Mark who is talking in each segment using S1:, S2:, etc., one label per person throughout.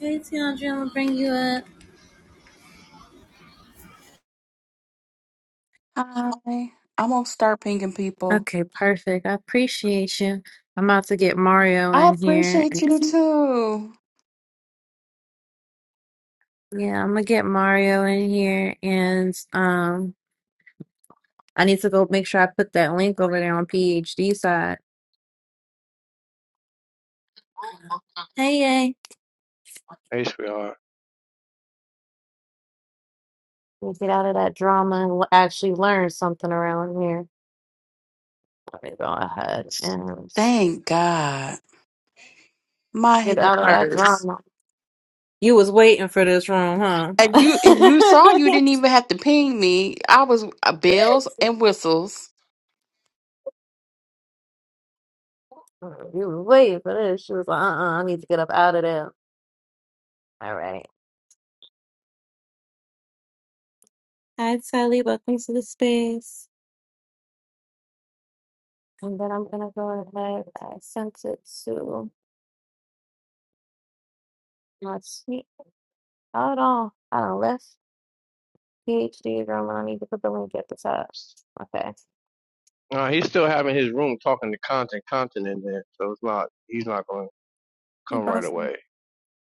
S1: Hey, Tiandra, I'm gonna bring you up.
S2: Hi. I'm gonna start pinging people.
S1: Okay, perfect. I appreciate you. I'm about to get Mario
S2: I
S1: in here.
S2: appreciate
S1: and-
S2: you too.
S1: Yeah, I'm gonna get Mario in here and um I need to go make sure I put that link over there on PhD side. Hey, hey.
S3: HBR.
S1: We'll get out of that drama and l- actually learn something around here. Let me go ahead and s-
S2: Thank God. My
S1: get
S2: head
S1: out of that
S2: hurts.
S1: drama. You was waiting for this room,
S2: And you and you saw you didn't even
S1: huh?
S2: have to ping me. I was uh, bells and whistles.
S1: Mm, You was waiting for this. She was like, uh-uh, I need to get up out of there. All right. Hi, Sally. Welcome to the space. And then I'm gonna go ahead. I sent it to my sweet Hold on. I don't left PhD room and I need to put the link at the top. Okay.
S3: No, he's still having his room talking to content, content in there. So it's not, he's not going to
S1: Hey,
S3: come right
S1: Boston.
S3: away.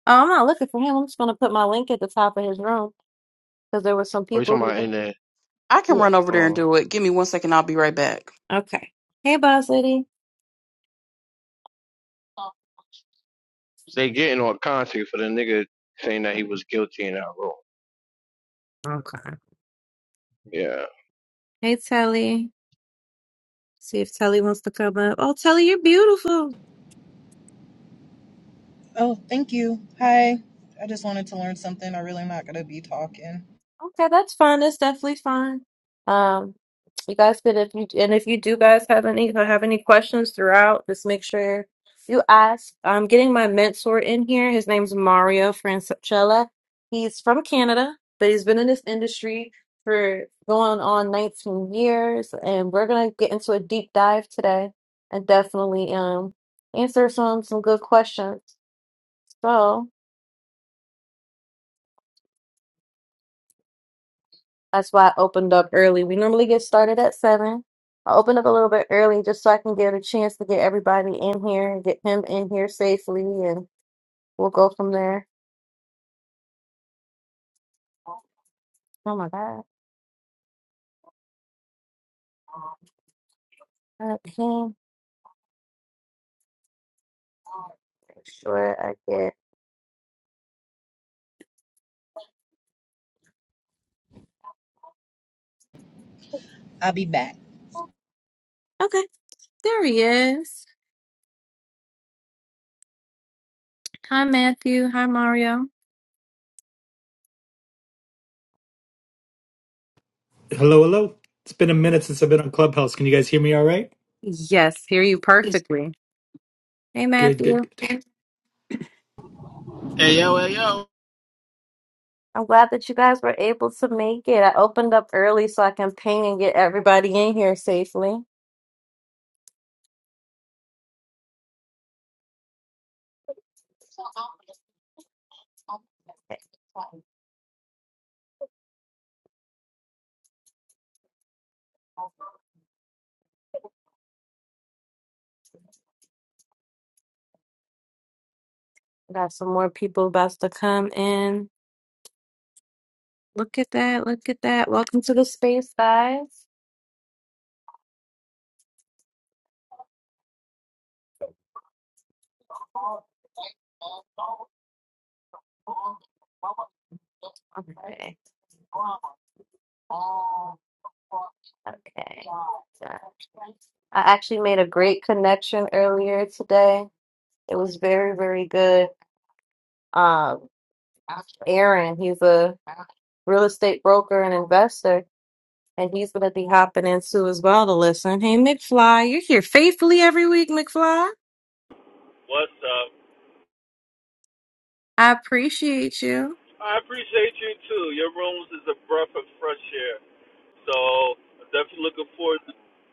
S1: Oh, I'm not looking for him. I'm just gonna put my link at the top of his room because there were some
S3: Or you
S1: people
S3: talking about
S1: who.
S3: in there?
S2: I can run
S1: Yeah.
S2: over there and
S3: Uh,
S2: do it. Give me one second, I'll be right back.
S1: Okay. Hey, boss lady.
S3: they getting on content for the nigga saying that he was guilty in that room.
S1: Okay.
S3: Yeah.
S1: Hey, Telly. See if Telly wants to come up. Oh, Telly, you're beautiful.
S4: Oh, thank you. Hi. I just wanted to learn something. I really am not going to be talking.
S1: Okay, that's fine. That's definitely fine. Um, you guys could if you and if you do guys have any have any questions throughout, just make sure you ask. I'm getting my mentor in here. His name's Mario Francella. He's from Canada, but he's been in this industry for going on 19 years, and we're gonna get into a deep dive today and definitely um answer some some good questions. So. That's why I opened up early. We normally get started at seven. I opened up a little bit early just so I can get a chance to get everybody in here and get him in here safely, and we'll go from there. Oh my God. Okay. Make sure I get.
S4: I'll be back.
S1: Okay. There he is. Hi, Matthew. Hi, Mario.
S5: Hello, hello. It's been a minute since I've been on Clubhouse. Can you guys hear me all right?
S1: Yes, hear you perfectly. Hey,
S5: Good, good,
S1: Matthew.
S5: good.
S6: Hey yo, hey yo,
S1: I'm glad that you guys were able to make it. I opened up early so I can ping and get everybody in here safely. Got some more people about to come in. Look at that. Look at that. Welcome to the space, guys. Okay. Okay. So, I actually made a great connection earlier today. It was very, very good. Um, Aaron, he's a real estate broker and investor. And he's going to be hopping in too as well to listen. Hey, McFly, you're here faithfully every week, McFly.
S7: What's up?
S1: I appreciate you.
S7: I appreciate you too. Your rooms is a breath of fresh air. So I'm definitely looking forward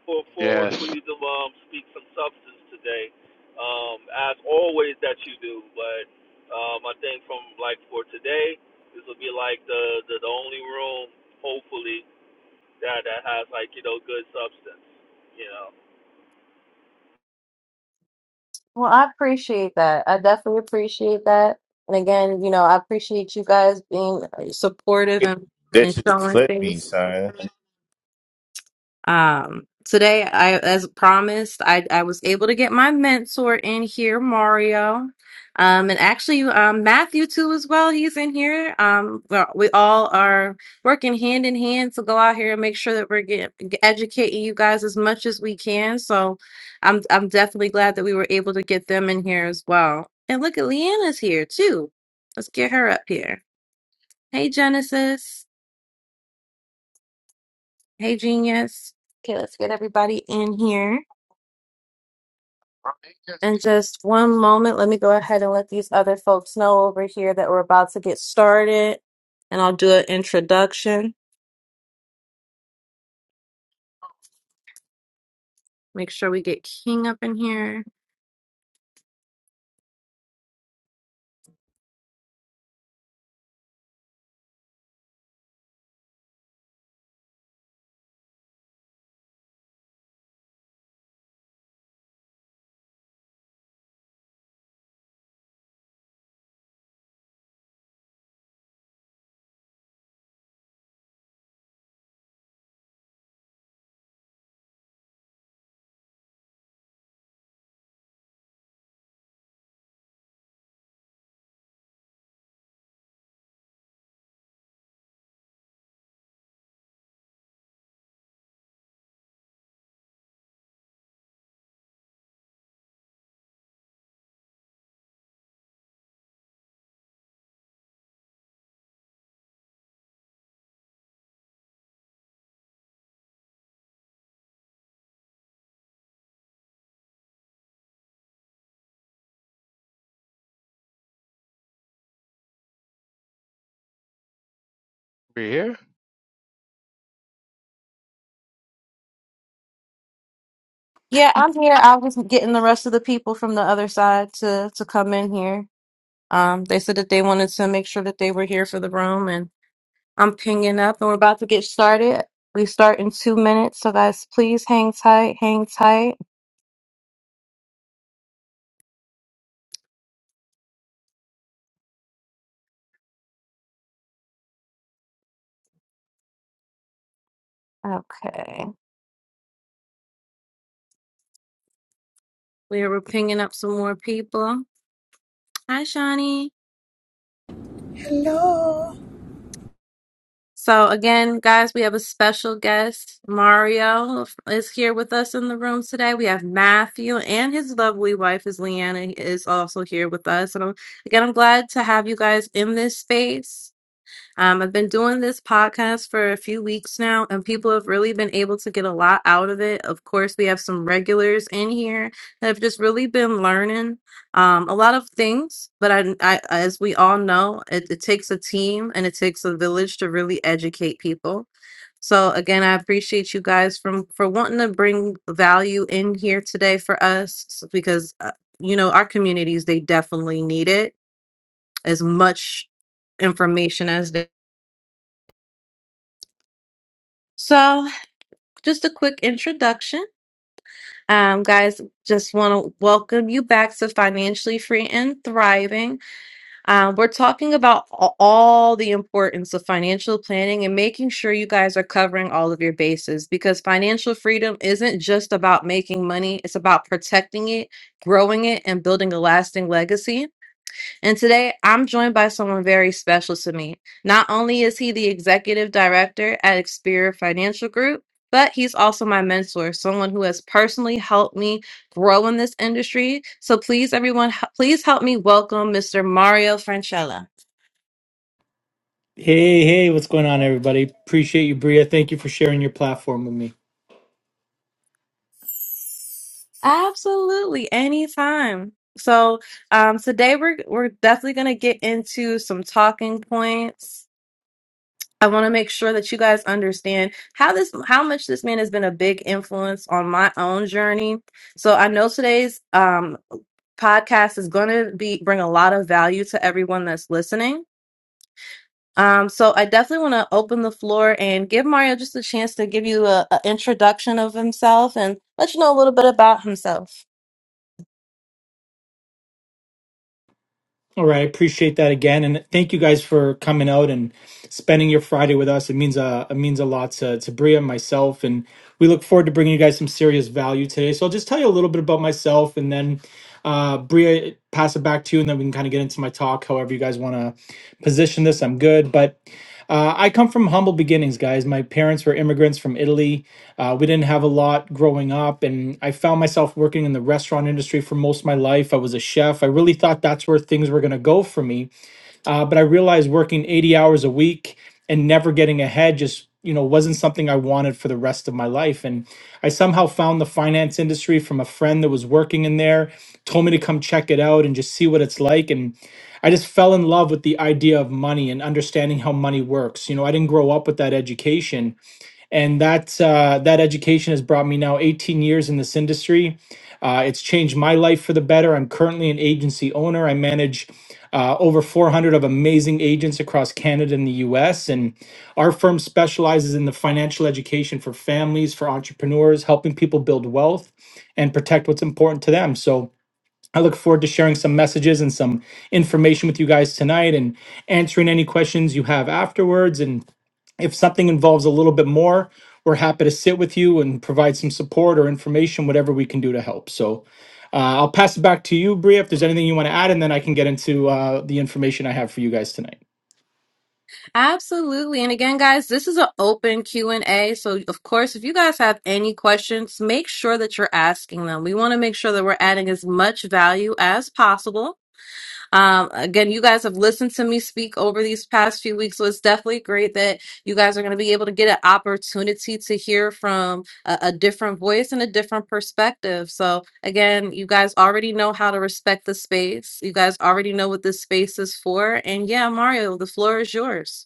S7: for, forward for
S3: Yes.
S7: you to um, speak some substance today, um, as always that you do. But um, I think from like for today, this will be like the, the the only room, hopefully, that that has like you know good substance. You know.
S1: Well, I appreciate that. I definitely appreciate that. And again, you know, I appreciate you guys being uh, supportive and, and
S8: Bitches
S1: showing
S8: clip me,
S1: things.
S8: son.
S1: Um, today, I as promised, I I was able to get my mentor in here, Mario, um, and actually um, Matthew too as well. He's in here. Um, we're- we all are working hand in hand to go out here and make sure that we're getting educating you guys as much as we can. So, I'm I'm definitely glad that we were able to get them in here as well. And look at Leanna's here too. Let's get her up here. Hey, Genesis. Hey, Genius. Okay, let's get everybody in here. And just one moment, let me go ahead and let these other folks know over here that we're about to get started. And I'll do an introduction. Make sure we get King up in here.
S3: We here?
S1: Yeah, I'm here. I was getting the rest of the people from the other side to to come in here. Um, they said that they wanted to make sure that they were here for the room, and I'm pinging up, and we're about to get started. We start in two minutes, so guys, please hang tight, hang tight. Okay, we are pinging up some more people. Hi, Shawnee.
S9: Hello.
S1: So again, guys, we have a special guest. Mario is here with us in the room today. We have Matthew and his lovely wife is Leanna is also here with us. And I'm, again, I'm glad to have you guys in this space. Um, I've been doing this podcast for a few weeks now, and people have really been able to get a lot out of it. Of course, we have some regulars in here that have just really been learning um, a lot of things. But I, I as we all know, it, it takes a team and it takes a village to really educate people. So again, I appreciate you guys from for wanting to bring value in here today for us s- because uh, you know our communities they definitely need it as much information as they So, just a quick introduction. Um, guys, just want to welcome you back to Financially Free and Thriving. Um, we're talking about a- all the importance of financial planning and making sure you guys are covering all of your bases because financial freedom isn't just about making money, it's about protecting it, growing it, and building a lasting legacy. And today I'm joined by someone very special to me. Not only is he the executive director at Experior Financial Group, but he's also my mentor, someone who has personally helped me grow in this industry. So please, everyone, h- please help me welcome Mr. Mario Franchella.
S5: Hey, hey, what's going on, everybody? Appreciate you, Bria. Thank you for sharing your platform with me.
S1: Absolutely, anytime. So um, today we're we're definitely gonna get into some talking points I want to make sure that you guys understand how this how much this man has been a big influence on my own journey. So I know today's um podcast is going to be bring a lot of value to everyone that's listening. Um, so I definitely want to open the floor and give Mario just a chance to give you a, a introduction of himself and let you know a little bit about himself.
S5: All right, I appreciate that again, and thank you guys for coming out and spending your Friday with us. It means a it means a lot to to Bria and myself, and we look forward to bringing you guys some serious value today. So I'll just tell you a little bit about myself, and then uh, Bria pass it back to you, and then we can kind of get into my talk. However, you guys want to position this, I'm good. But uh, I come from humble beginnings, guys. My parents were immigrants from Italy. Uh, we didn't have a lot growing up, and I found myself working in the restaurant industry for most of my life. I was a chef. I really thought that's where things were going to go for me, uh, but I realized working 80 hours a week and never getting ahead just you know wasn't something I wanted for the rest of my life. And I somehow found the finance industry from a friend that was working in there, told me to come check it out and just see what it's like. And I just fell in love with the idea of money and understanding how money works. You know, I didn't grow up with that education and that uh, that education has brought me now 18 years in this industry. Uh, it's changed my life for the better. I'm currently an agency owner. I manage uh, over 400 of amazing agents across Canada and the U.S. And our firm specializes in the financial education for families, for entrepreneurs, helping people build wealth and protect what's important to them. So I look forward to sharing some messages and some information with you guys tonight and answering any questions you have afterwards. And if something involves a little bit more, we're happy to sit with you and provide some support or information, whatever we can do to help. So uh, I'll pass it back to you, Bria, if there's anything you want to add, and then I can get into uh, the information I have for you guys tonight.
S1: Absolutely. And again, guys, this is an open Q&A. So, of course, if you guys have any questions, make sure that you're asking them. We want to make sure that we're adding as much value as possible. Um, again, you guys have listened to me speak over these past few weeks, so it's definitely great that you guys are going to be able to get an opportunity to hear from a, a different voice and a different perspective. So, again, you guys already know how to respect the space. You guys already know what this space is for. And yeah, Mario, the floor is yours.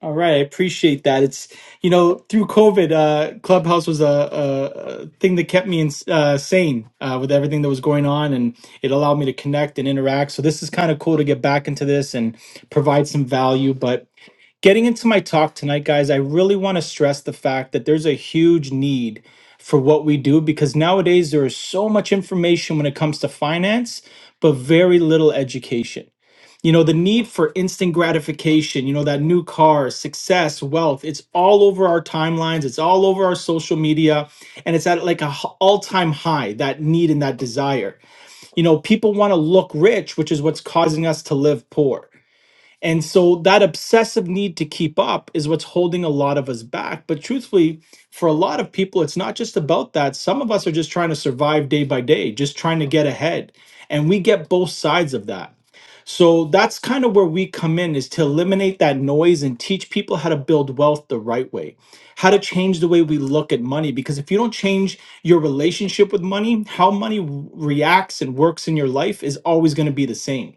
S5: All right, I appreciate that. It's you know through COVID, uh, Clubhouse was a, a, a thing that kept me in, uh, sane uh, with everything that was going on, and it allowed me to connect and interact. So this is kind of cool to get back into this and provide some value. But getting into my talk tonight, guys, I really want to stress the fact that there's a huge need for what we do because nowadays there is so much information when it comes to finance, but very little education. You know, the need for instant gratification, you know, that new car, success, wealth, it's all over our timelines, it's all over our social media, and it's at like a h- all-time high, that need and that desire. You know, people want to look rich, which is what's causing us to live poor. And so that obsessive need to keep up is what's holding a lot of us back. But truthfully, for a lot of people, it's not just about that. Some of us are just trying to survive day by day, just trying to get ahead. And we get both sides of that. So that's kind of where we come in is to eliminate that noise and teach people how to build wealth the right way, how to change the way we look at money. Because if you don't change your relationship with money, how money w- reacts and works in your life is always going to be the same.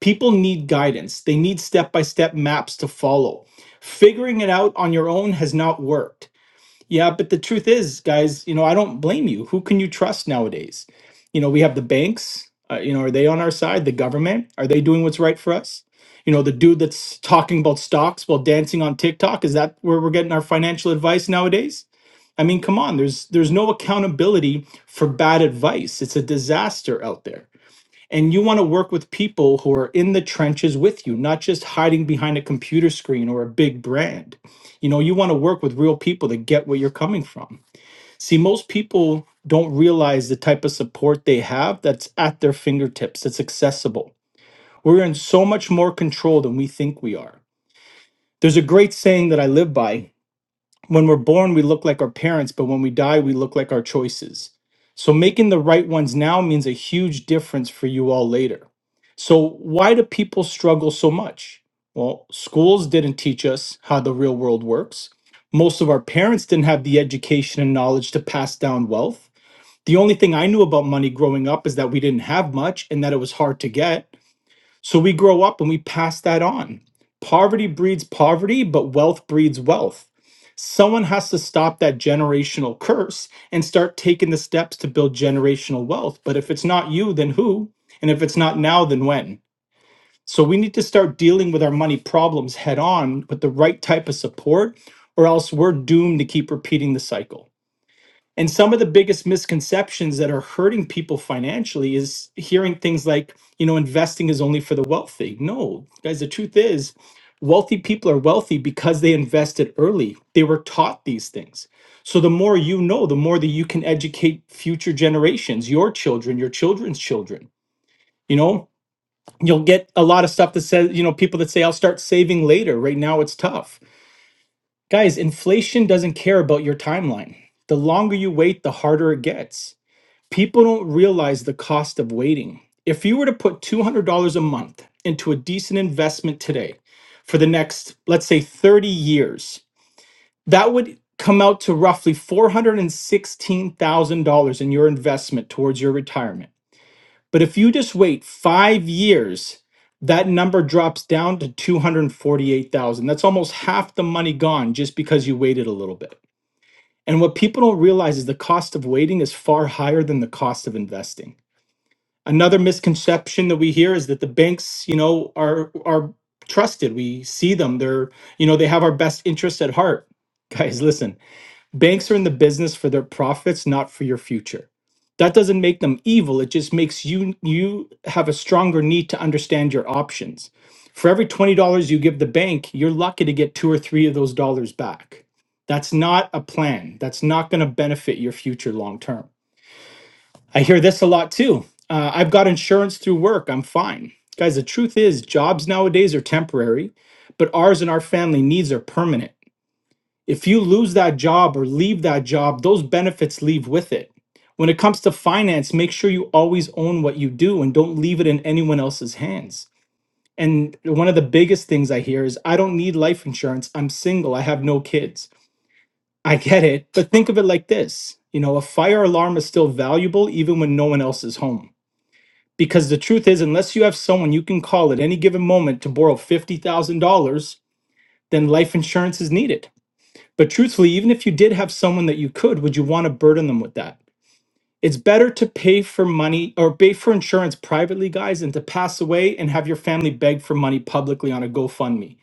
S5: People need guidance, they need step by step maps to follow. Figuring it out on your own has not worked yeah, but the truth is, guys, you know, I don't blame you. Who can you trust nowadays? You know, we have the banks. Uh, you know, are they on our side? The government? Are they doing what's right for us? You know, the dude that's talking about stocks while dancing on TikTok, is that where we're getting our financial advice nowadays? I mean, come on, there's there's no accountability for bad advice. It's a disaster out there. And you want to work with people who are in the trenches with you, not just hiding behind a computer screen or a big brand. You know, you want to work with real people that get where you're coming from. See, most people don't realize the type of support they have that's at their fingertips, that's accessible. We're in so much more control than we think we are. There's a great saying that I live by when we're born, we look like our parents, but when we die, we look like our choices. So making the right ones now means a huge difference for you all later. So, why do people struggle so much? Well, schools didn't teach us how the real world works. Most of our parents didn't have the education and knowledge to pass down wealth. The only thing I knew about money growing up is that we didn't have much and that it was hard to get. So we grow up and we pass that on. Poverty breeds poverty, but wealth breeds wealth. Someone has to stop that generational curse and start taking the steps to build generational wealth. But if it's not you, then who? And if it's not now, then when? So we need to start dealing with our money problems head on with the right type of support, or else we're doomed to keep repeating the cycle. And some of the biggest misconceptions that are hurting people financially is hearing things like, you know, investing is only for the wealthy. No, guys, the truth is, wealthy people are wealthy because they invested early. They were taught these things. So the more you know, the more that you can educate future generations, your children, your children's children. You know, you'll get a lot of stuff that says, you know, people that say, I'll start saving later. Right now, it's tough. Guys, inflation doesn't care about your timeline. The longer you wait, the harder it gets people don't realize the cost of waiting. If you were to put $200 a month into a decent investment today for the next, let's say, 30 years, that would come out to roughly $416,000 in your investment towards your retirement. But if you just wait five years, that number drops down to 248,000. That's almost half the money gone just because you waited a little bit. And what people don't realize is the cost of waiting is far higher than the cost of investing another misconception that we hear is that the banks you know are are trusted we see them they're you know they have our best interests at heart guys listen banks are in the business for their profits not for your future that doesn't make them evil it just makes you you have a stronger need to understand your options for every $20 you give the bank you're lucky to get two or three of those dollars back that's not a plan that's not going to benefit your future long term I hear this a lot too. Uh, I've got insurance through work. I'm fine. Guys, the truth is, jobs nowadays are temporary, but ours and our family needs are permanent. If you lose that job or leave that job, those benefits leave with it. When it comes to finance, make sure you always own what you do and don't leave it in anyone else's hands. And one of the biggest things I hear is, I don't need life insurance. I'm single. I have no kids. I get it, but think of it like this you know, a fire alarm is still valuable even when no one else is home. Because the truth is, unless you have someone you can call at any given moment to borrow $50,000, then life insurance is needed. But truthfully, even if you did have someone that you could, would you want to burden them with that? It's better to pay for money or pay for insurance privately, guys, than to pass away and have your family beg for money publicly on a GoFundMe.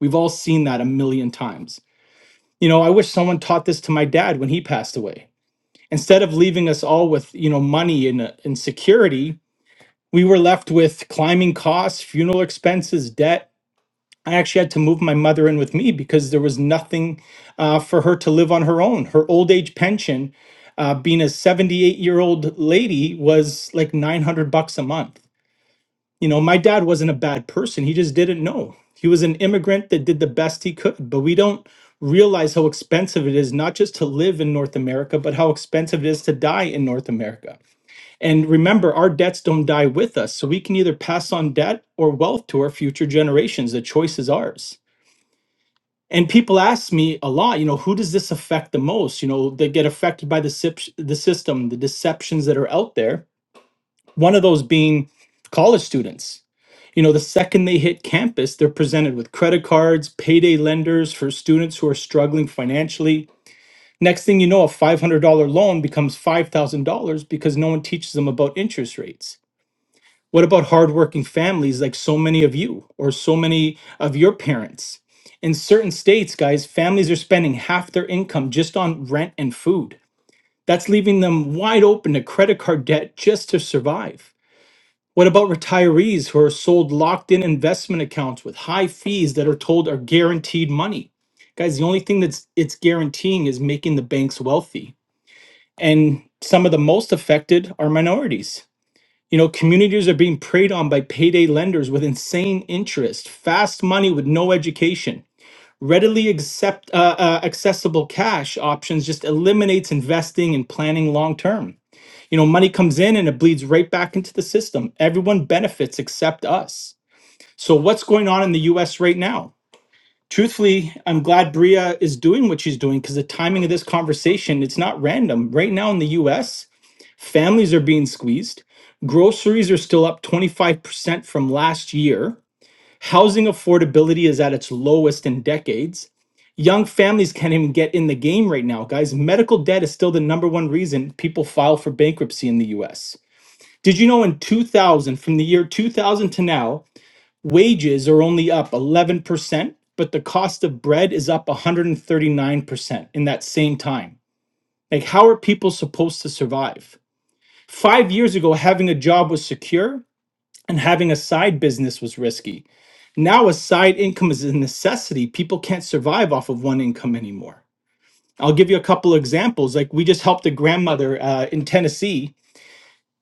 S5: We've all seen that a million times. You know, I wish someone taught this to my dad when he passed away. Instead of leaving us all with, you know, money and, uh, and security, we were left with climbing costs, funeral expenses, debt. I actually had to move my mother in with me because there was nothing uh, for her to live on her own. Her old age pension, uh, being a 78 year old lady, was like 900 bucks a month you know, my dad wasn't a bad person. He just didn't know. He was an immigrant that did the best he could, but we don't realize how expensive it is not just to live in North America, but how expensive it is to die in North America. And remember, our debts don't die with us. So we can either pass on debt or wealth to our future generations. The choice is ours. And people ask me a lot, you know, who does this affect the most? You know, they get affected by the, sip- the system, the deceptions that are out there one of those being college students. You know, the second they hit campus, they're presented with credit cards, payday lenders for students who are struggling financially. Next thing you know, a $500 loan becomes $5,000 because no one teaches them about interest rates. What about hardworking families like so many of you or so many of your parents? In certain states, guys, families are spending half their income just on rent and food. That's leaving them wide open to credit card debt just to survive. What about retirees who are sold locked in investment accounts with high fees that are told are guaranteed money? Guys, the only thing that's it's guaranteeing is making the banks wealthy. And some of the most affected are minorities. You know, communities are being preyed on by payday lenders with insane interest, fast money with no education. Readily accept, uh, uh, accessible cash options just eliminates investing and planning long term you know, money comes in and it bleeds right back into the system. Everyone benefits except us. So, what's going on in the US right now? Truthfully, I'm glad Bria is doing what she's doing because the timing of this conversation, it's not random. Right now in the US, families are being squeezed. Groceries are still up 25% from last year. Housing affordability is at its lowest in decades young families can't even get in the game right now, guys. Medical debt is still the number one reason people file for bankruptcy in the US. Did you know in 2000, from the year 2000 to now, wages are only up 11%, but the cost of bread is up 139% in that same time? Like, how are people supposed to survive? Five years ago, having a job was secure and having a side business was risky. Now, a side income is a necessity. People can't survive off of one income anymore. I'll give you a couple examples. Like, we just helped a grandmother uh, in Tennessee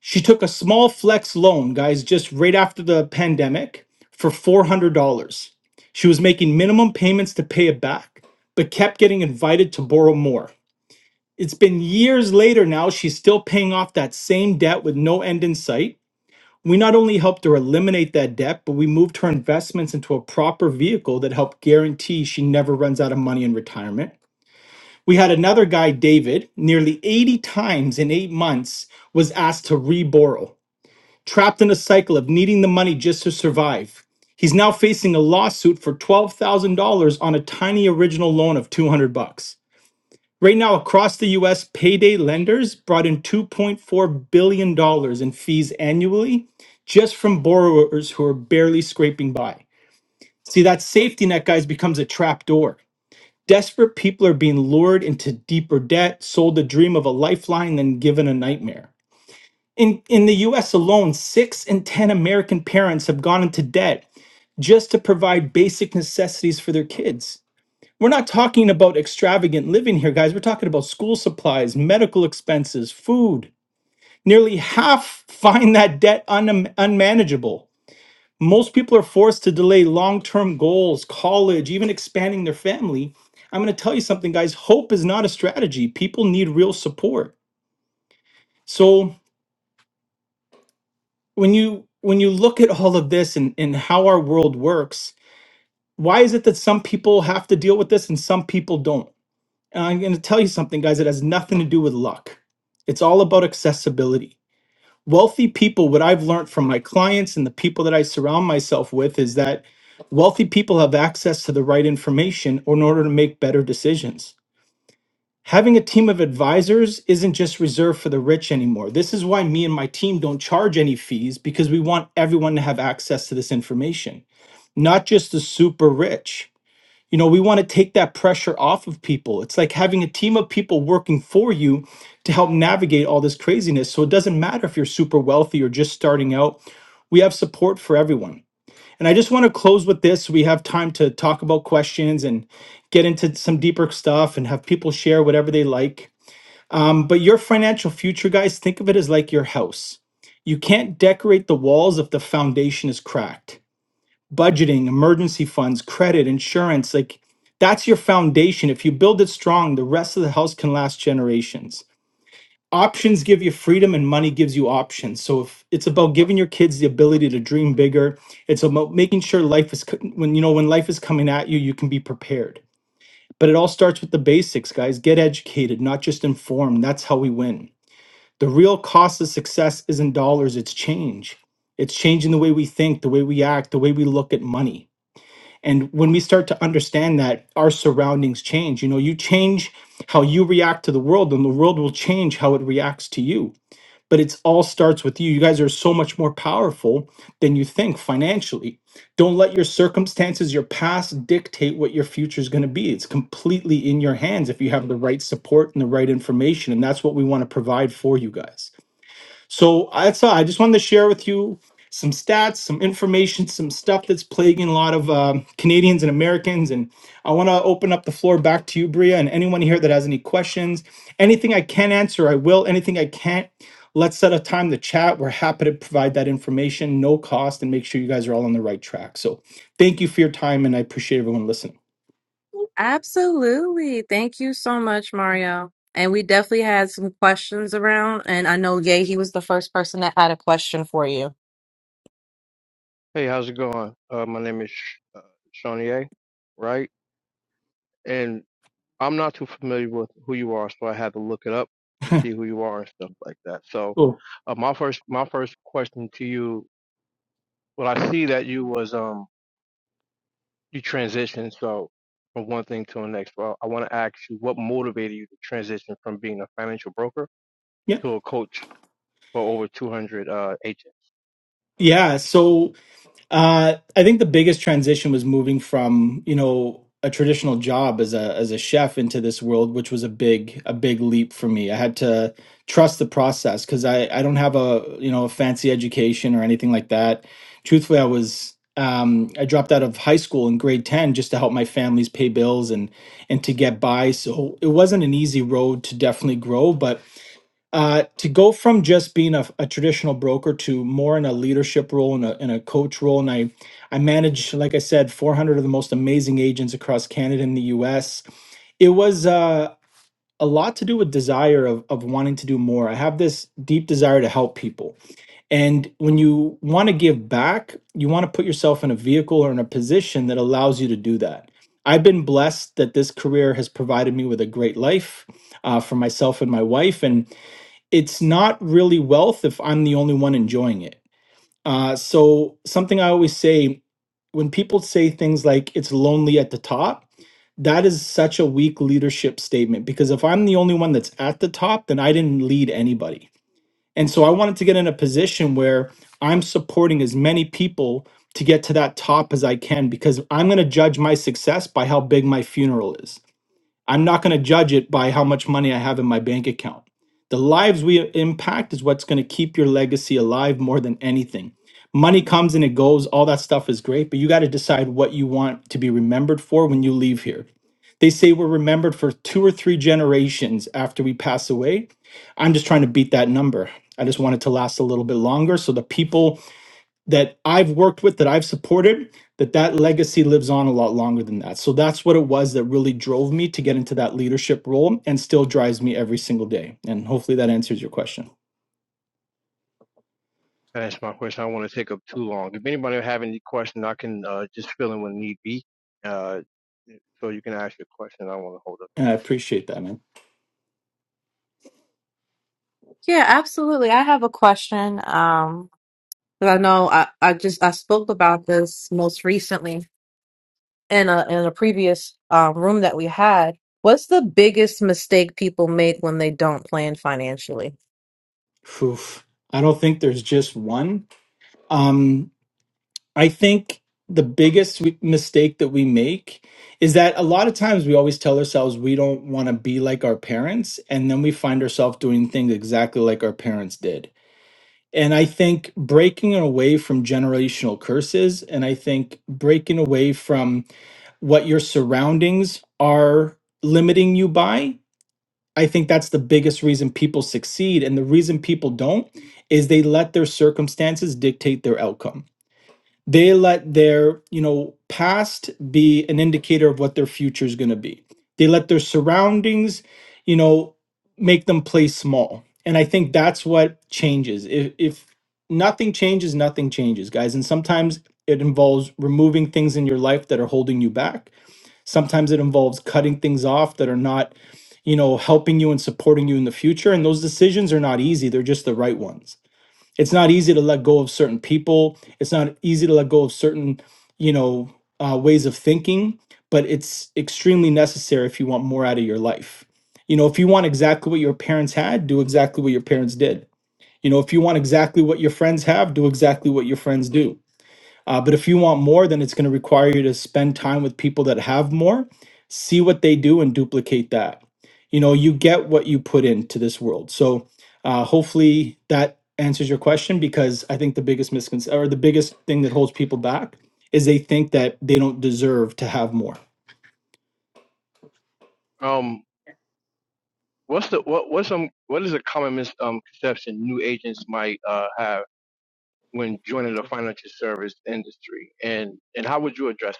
S5: She took a small flex loan, guys, just right after the pandemic for $400. She was making minimum payments to pay it back, but kept getting invited to borrow more. It's been years later now, she's still paying off that same debt with no end in sight. We not only helped her eliminate that debt, but we moved her investments into a proper vehicle that helped guarantee she never runs out of money in retirement. We had another guy, David, nearly 80 times in eight months was asked to reborrow trapped in a cycle of needing the money just to survive. He's now facing a lawsuit for $12,000 on a tiny original loan of 200 bucks. Right now across the US, payday lenders brought in 2.4 billion dollars in fees annually just from borrowers who are barely scraping by. See that safety net guys becomes a trap door. Desperate people are being lured into deeper debt, sold the dream of a lifeline then given a nightmare. In, in the US alone, six in 10 American parents have gone into debt just to provide basic necessities for their kids. We're not talking about extravagant living here, guys. We're talking about school supplies, medical expenses, food. Nearly half find that debt un- unmanageable. Most people are forced to delay long term goals, college, even expanding their family. I'm going to tell you something, guys. Hope is not a strategy. People need real support. So, when you when you look at all of this and, and how our world works why is it that some people have to deal with this and some people don't and i'm going to tell you something guys it has nothing to do with luck it's all about accessibility wealthy people what i've learned from my clients and the people that i surround myself with is that wealthy people have access to the right information in order to make better decisions Having a team of advisors isn't just reserved for the rich anymore. This is why me and my team don't charge any fees because we want everyone to have access to this information, not just the super rich. You know, we want to take that pressure off of people. It's like having a team of people working for you to help navigate all this craziness. So it doesn't matter if you're super wealthy or just starting out, we have support for everyone. And I just want to close with this. We have time to talk about questions and get into some deeper stuff and have people share whatever they like. Um, but your financial future, guys, think of it as like your house. You can't decorate the walls if the foundation is cracked. Budgeting, emergency funds, credit, insurance like that's your foundation. If you build it strong, the rest of the house can last generations. Options give you freedom and money gives you options. So if it's about giving your kids the ability to dream bigger, it's about making sure life is co- when you know when life is coming at you, you can be prepared. But it all starts with the basics, guys. Get educated, not just informed. That's how we win. The real cost of success isn't dollars, it's change. It's changing the way we think, the way we act, the way we look at money. And when we start to understand that, our surroundings change. You know, you change how you react to the world, and the world will change how it reacts to you. But it all starts with you. You guys are so much more powerful than you think financially. Don't let your circumstances, your past dictate what your future is going to be. It's completely in your hands if you have the right support and the right information. And that's what we want to provide for you guys. So that's all. I just wanted to share with you some stats, some information, some stuff that's plaguing a lot of um, Canadians and Americans. And I want to open up the floor back to you, Bria, and anyone here that has any questions. Anything I can answer, I will. Anything I can't, let's set a time to chat. We're happy to provide that information, no cost, and make sure you guys are all on the right track. So thank you for your time, and I appreciate everyone listening.
S1: Absolutely. Thank you so much, Mario. And we definitely had some questions around. And I know, Yay, he was the first person that had a question for you.
S3: Hey, how's it going? Uh, my name is uh, Shawnee, right? And I'm not too familiar with who you are, so I had to look it up to see who you are and stuff like that. So,
S5: Cool.
S3: uh, my first, my first question to you, well, I see that you was, um. you transition so from one thing to the next. Well, I want to ask you what motivated you to transition from being a financial broker
S5: Yeah.
S3: to a coach for over 200 uh, agents.
S5: Yeah. So Uh, I think the biggest transition was moving from you know a traditional job as a as a chef into this world, which was a big a big leap for me. I had to trust the process because I I don't have a you know a fancy education or anything like that. Truthfully, I was um, I dropped out of high school in grade ten just to help my families pay bills and and to get by. So it wasn't an easy road to definitely grow, but uh, to go from just being a, a traditional broker to more in a leadership role and a, and a coach role. And I, I manage, like I said, 400 of the most amazing agents across Canada and the US. It was uh, a lot to do with desire of, of wanting to do more. I have this deep desire to help people. And when you want to give back, you want to put yourself in a vehicle or in a position that allows you to do that. I've been blessed that this career has provided me with a great life uh, for myself and my wife. And it's not really wealth if I'm the only one enjoying it. Uh, so something I always say when people say things like it's lonely at the top, that is such a weak leadership statement because if I'm the only one that's at the top, then I didn't lead anybody. And so I wanted to get in a position where I'm supporting as many people to get to that top as I can because I'm going to judge my success by how big my funeral is I'm not going to judge it by how much money I have in my bank account. The lives we impact is what's going to keep your legacy alive more than anything. Money comes and it goes, all that stuff is great, but you got to decide what you want to be remembered for when you leave here. They say we're remembered for two or three generations after we pass away. I'm just trying to beat that number. I just want it to last a little bit longer so the people that I've worked with, that I've supported, that that legacy lives on a lot longer than that. So that's what it was that really drove me to get into that leadership role and still drives me every single day. And hopefully that answers your question.
S3: That's my question. I don't want to take up too long. If anybody have any question, I can uh, just fill in when need be. Uh, so you can ask your question. I don't want to hold up the
S5: And I appreciate that, man.
S1: Yeah, absolutely. I have a question. Um, 'cause I know I, I just I spoke about this most recently in a in a previous um, room that we had. What's the biggest mistake people make when they don't plan financially?
S5: Phew. I don't think there's just one. Um, I think the biggest w- mistake that we make is that a lot of times we always tell ourselves we don't want to be like our parents, and then we find ourselves doing things exactly like our parents did And I think breaking away from generational curses, and I think breaking away from what your surroundings are limiting you by, I think that's the biggest reason people succeed. And the reason people don't is they let their circumstances dictate their outcome they let their you know past be an indicator of what their future is going to be they let their surroundings you know make them play small and i think that's what changes if, if nothing changes nothing changes guys and sometimes it involves removing things in your life that are holding you back sometimes it involves cutting things off that are not you know helping you and supporting you in the future and those decisions are not easy they're just the right ones it's not easy to let go of certain people it's not easy to let go of certain you know uh, ways of thinking but it's extremely necessary if you want more out of your life you know if you want exactly what your parents had do exactly what your parents did you know if you want exactly what your friends have do exactly what your friends do uh, but if you want more, then it's going to require you to spend time with people that have more, see what they do, and duplicate that. You know, you get what you put into this world. So uh, hopefully that answers your question because I think the biggest misconception or the biggest thing that holds people back is they think that they don't deserve to have more.
S3: mic. Um, what's the what what's some what is a common misconception new agents might uh, have when joining the financial service industry, and and how would you address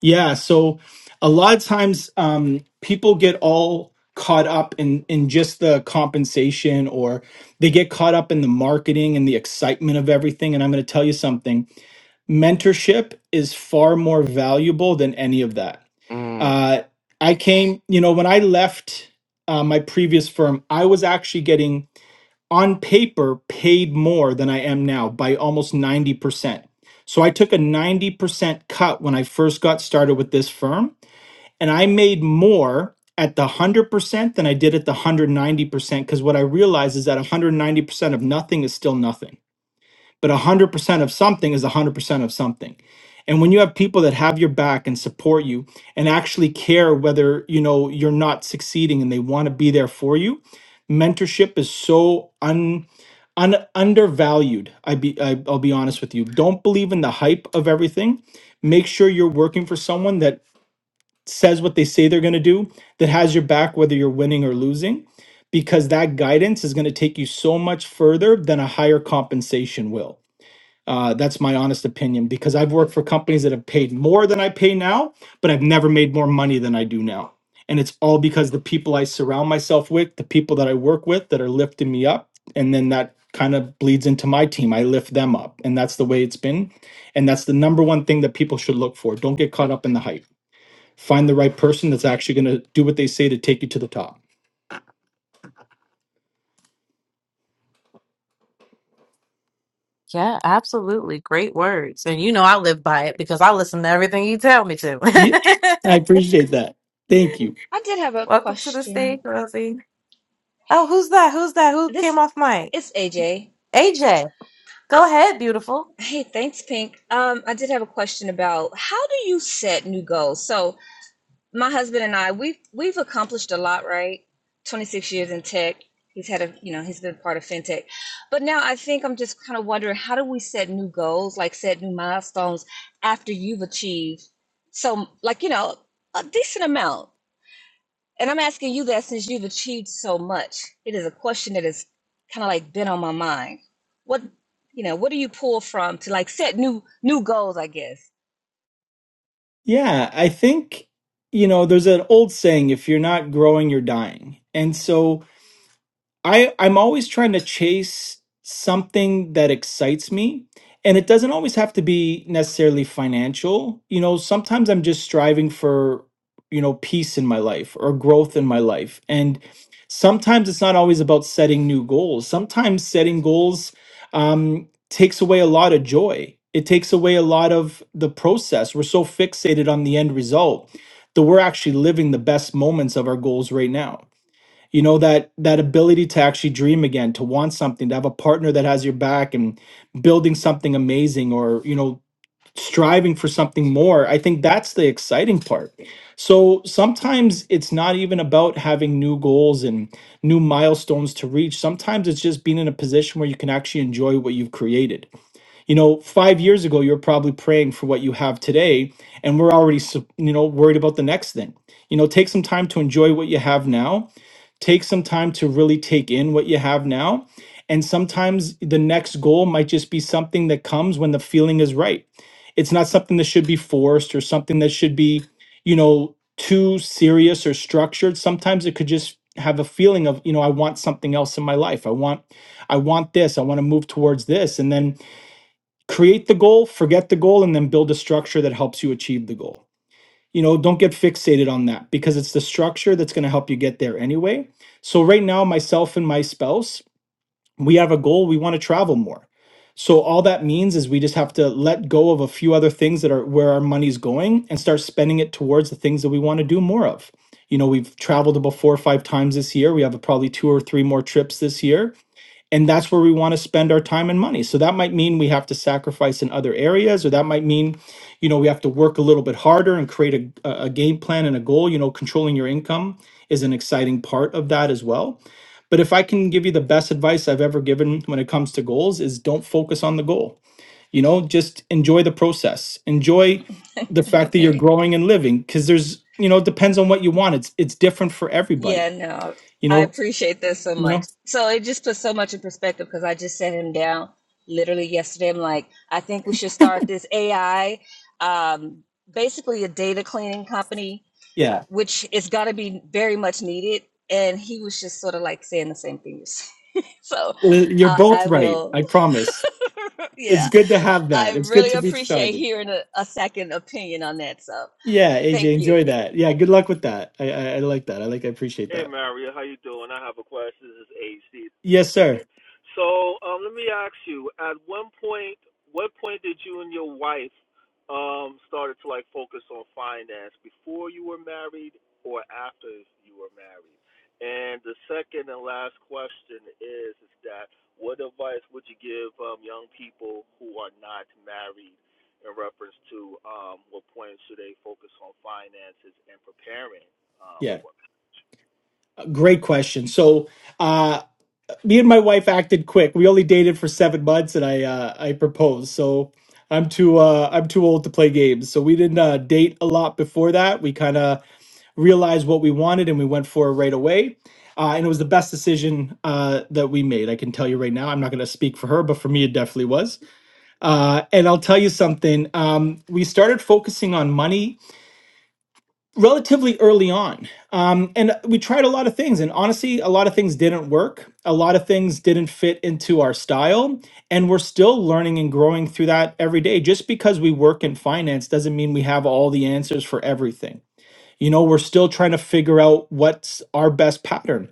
S5: Yeah, so a lot of times um, people get all caught up in in just the compensation, or they get caught up in the marketing and the excitement of everything. And I'm going to tell you something: mentorship is far more valuable than any of that.
S3: it? Mm.
S5: Uh, I came, you know, when I left uh, my previous firm, I was actually getting on paper paid more than I am now by almost 90%. So I took a 90% cut when I first got started with this firm, and I made more at the 100% than I did at the 190% because what I realized is that 190% of nothing is still nothing but 100% of something is 100% of something and when you have people that have your back and support you and actually care whether you know you're not succeeding and they want to be there for you mentorship is so un, un undervalued I be, I, i'll be honest with you don't believe in the hype of everything make sure you're working for someone that says what they say they're going to do that has your back whether you're winning or losing because that guidance is going to take you so much further than a higher compensation will uh, that's my honest opinion because I've worked for companies that have paid more than I pay now, but I've never made more money than I do now. And it's all because the people I surround myself with, the people that I work with that are lifting me up. And then that kind of bleeds into my team. I lift them up. And that's the way it's been. And that's the number one thing that people should look for. Don't get caught up in the hype. Find the right person that's actually going to do what they say to take you to the top.
S1: Yeah, absolutely. Great words. And you know I live by it because I listen to everything you tell me to.
S5: Yep. I appreciate that. Thank you.
S10: I did have a
S1: Welcome to the stage,
S10: question.
S1: Rosie. Oh, who's that? Who's that? Who
S10: This
S1: came off mic?
S10: is AJ.
S1: AJ.
S10: Uh,
S1: Go ahead, beautiful.
S10: Hey, thanks, Pink. Um, I did have a question about how do you set new goals? So my husband and I, we've we've accomplished a lot, right? 26 years in tech. He's had a, you know, he's been part of fintech. But now I think I'm just kind of wondering how do we set new goals, like set new milestones after you've achieved so like, you know, a decent amount. And I'm asking you that since you've achieved so much, it is a question that has kind of like been on my mind. What you know, what do you pull from to like set new new goals, I guess?
S5: Yeah, I think, you know, there's an old saying, if you're not growing, you're dying. And so I I'm always trying to chase something that excites me and it doesn't always have to be necessarily financial. You know, sometimes I'm just striving for, you know, peace in my life or growth in my life. And sometimes it's not always about setting new goals. Sometimes setting goals um takes away a lot of joy. It takes away a lot of the process. We're so fixated on the end result that we're actually living the best moments of our goals right now you know that that ability to actually dream again to want something to have a partner that has your back and building something amazing or you know striving for something more i think that's the exciting part so sometimes it's not even about having new goals and new milestones to reach sometimes it's just being in a position where you can actually enjoy what you've created you know 5 years ago you're probably praying for what you have today and we're already so- you know worried about the next thing you know take some time to enjoy what you have now Take some time to really take in what you have now. And sometimes the next goal might just be something that comes when the feeling is right. It's not something that should be forced or something that should be, you know, too serious or structured. Sometimes it could just have a feeling of, you know, I want something else in my life. I want I want this. I want to move towards this and then create the goal, forget the goal and then build a structure that helps you achieve the goal you know don't get fixated on that because it's the structure that's going to help you get there anyway so right now myself and my spouse we have a goal we want to travel more so all that means is we just have to let go of a few other things that are where our money's going and start spending it towards the things that we want to do more of you know we've traveled about four or five times this year we have probably two or three more trips this year and that's where we want to spend our time and money so that might mean we have to sacrifice in other areas or that might mean you know we have to work a little bit harder and create a, a a game plan and a goal you know controlling your income is an exciting part of that as well but if i can give you the best advice i've ever given when it comes to goals is don't focus on the goal you know just enjoy the process enjoy the fact that you're
S10: okay.
S5: growing and living because there's you know it depends on what you want it's it's different for
S10: Yeah,
S5: everybody
S10: no.
S5: you
S10: I
S5: know
S10: appreciate this so
S5: you
S10: much.
S5: know
S10: So it just puts so much in perspective because I just sat him down literally yesterday. I'm like, I think we should start this AI, um, basically a data cleaning company
S5: yeah
S10: which is got to be very much needed. And he was just sort of like saying the same thing. you said. so
S5: Well, You're
S10: I,
S5: both
S10: I
S5: right.
S10: will,
S5: I promise. It's
S10: yeah,
S5: good to have that.
S10: I
S5: It's good
S10: really
S5: to be
S10: appreciate
S5: started.
S10: hearing a, a second opinion on that. So
S5: Yeah, AJ,
S10: thank you.
S5: enjoy that. Yeah, good luck with that. I, I, I like that. I like. I appreciate
S7: Hey
S5: that.
S7: Maria, how you doing? I have a question. This is AC.
S5: Yes, sir.
S7: So um, let me ask you: At one point, what point did you and your wife um, started to like focus on finance? Before you were married, or after you were married? And the second and last question is: Is that what advice would you give um, young people who are not married in reference to um, what point should they focus on finances and preparing um,
S5: Yeah,
S7: for? marriage?
S5: uh, great question. So, uh, me and my wife acted quick. We only dated for seven months, and I uh, I proposed. So I'm too uh, I'm too old to play games. So we didn't uh, date a lot before that. We kind of realized what we wanted and we went for it right away. Uh, and it was the best decision uh, that we made. I can tell you right now. I'm not going to speak for her, but for me, it definitely was. Uh, and I'll tell you something. Um, we started focusing on money relatively early on. Um, and we tried a lot of things. And honestly, a lot of things didn't work. A lot of things didn't fit into our style. And we're still learning and growing through that every day. Just because we work in finance doesn't mean we have all the answers for everything you know, we're still trying to figure out what's our best pattern.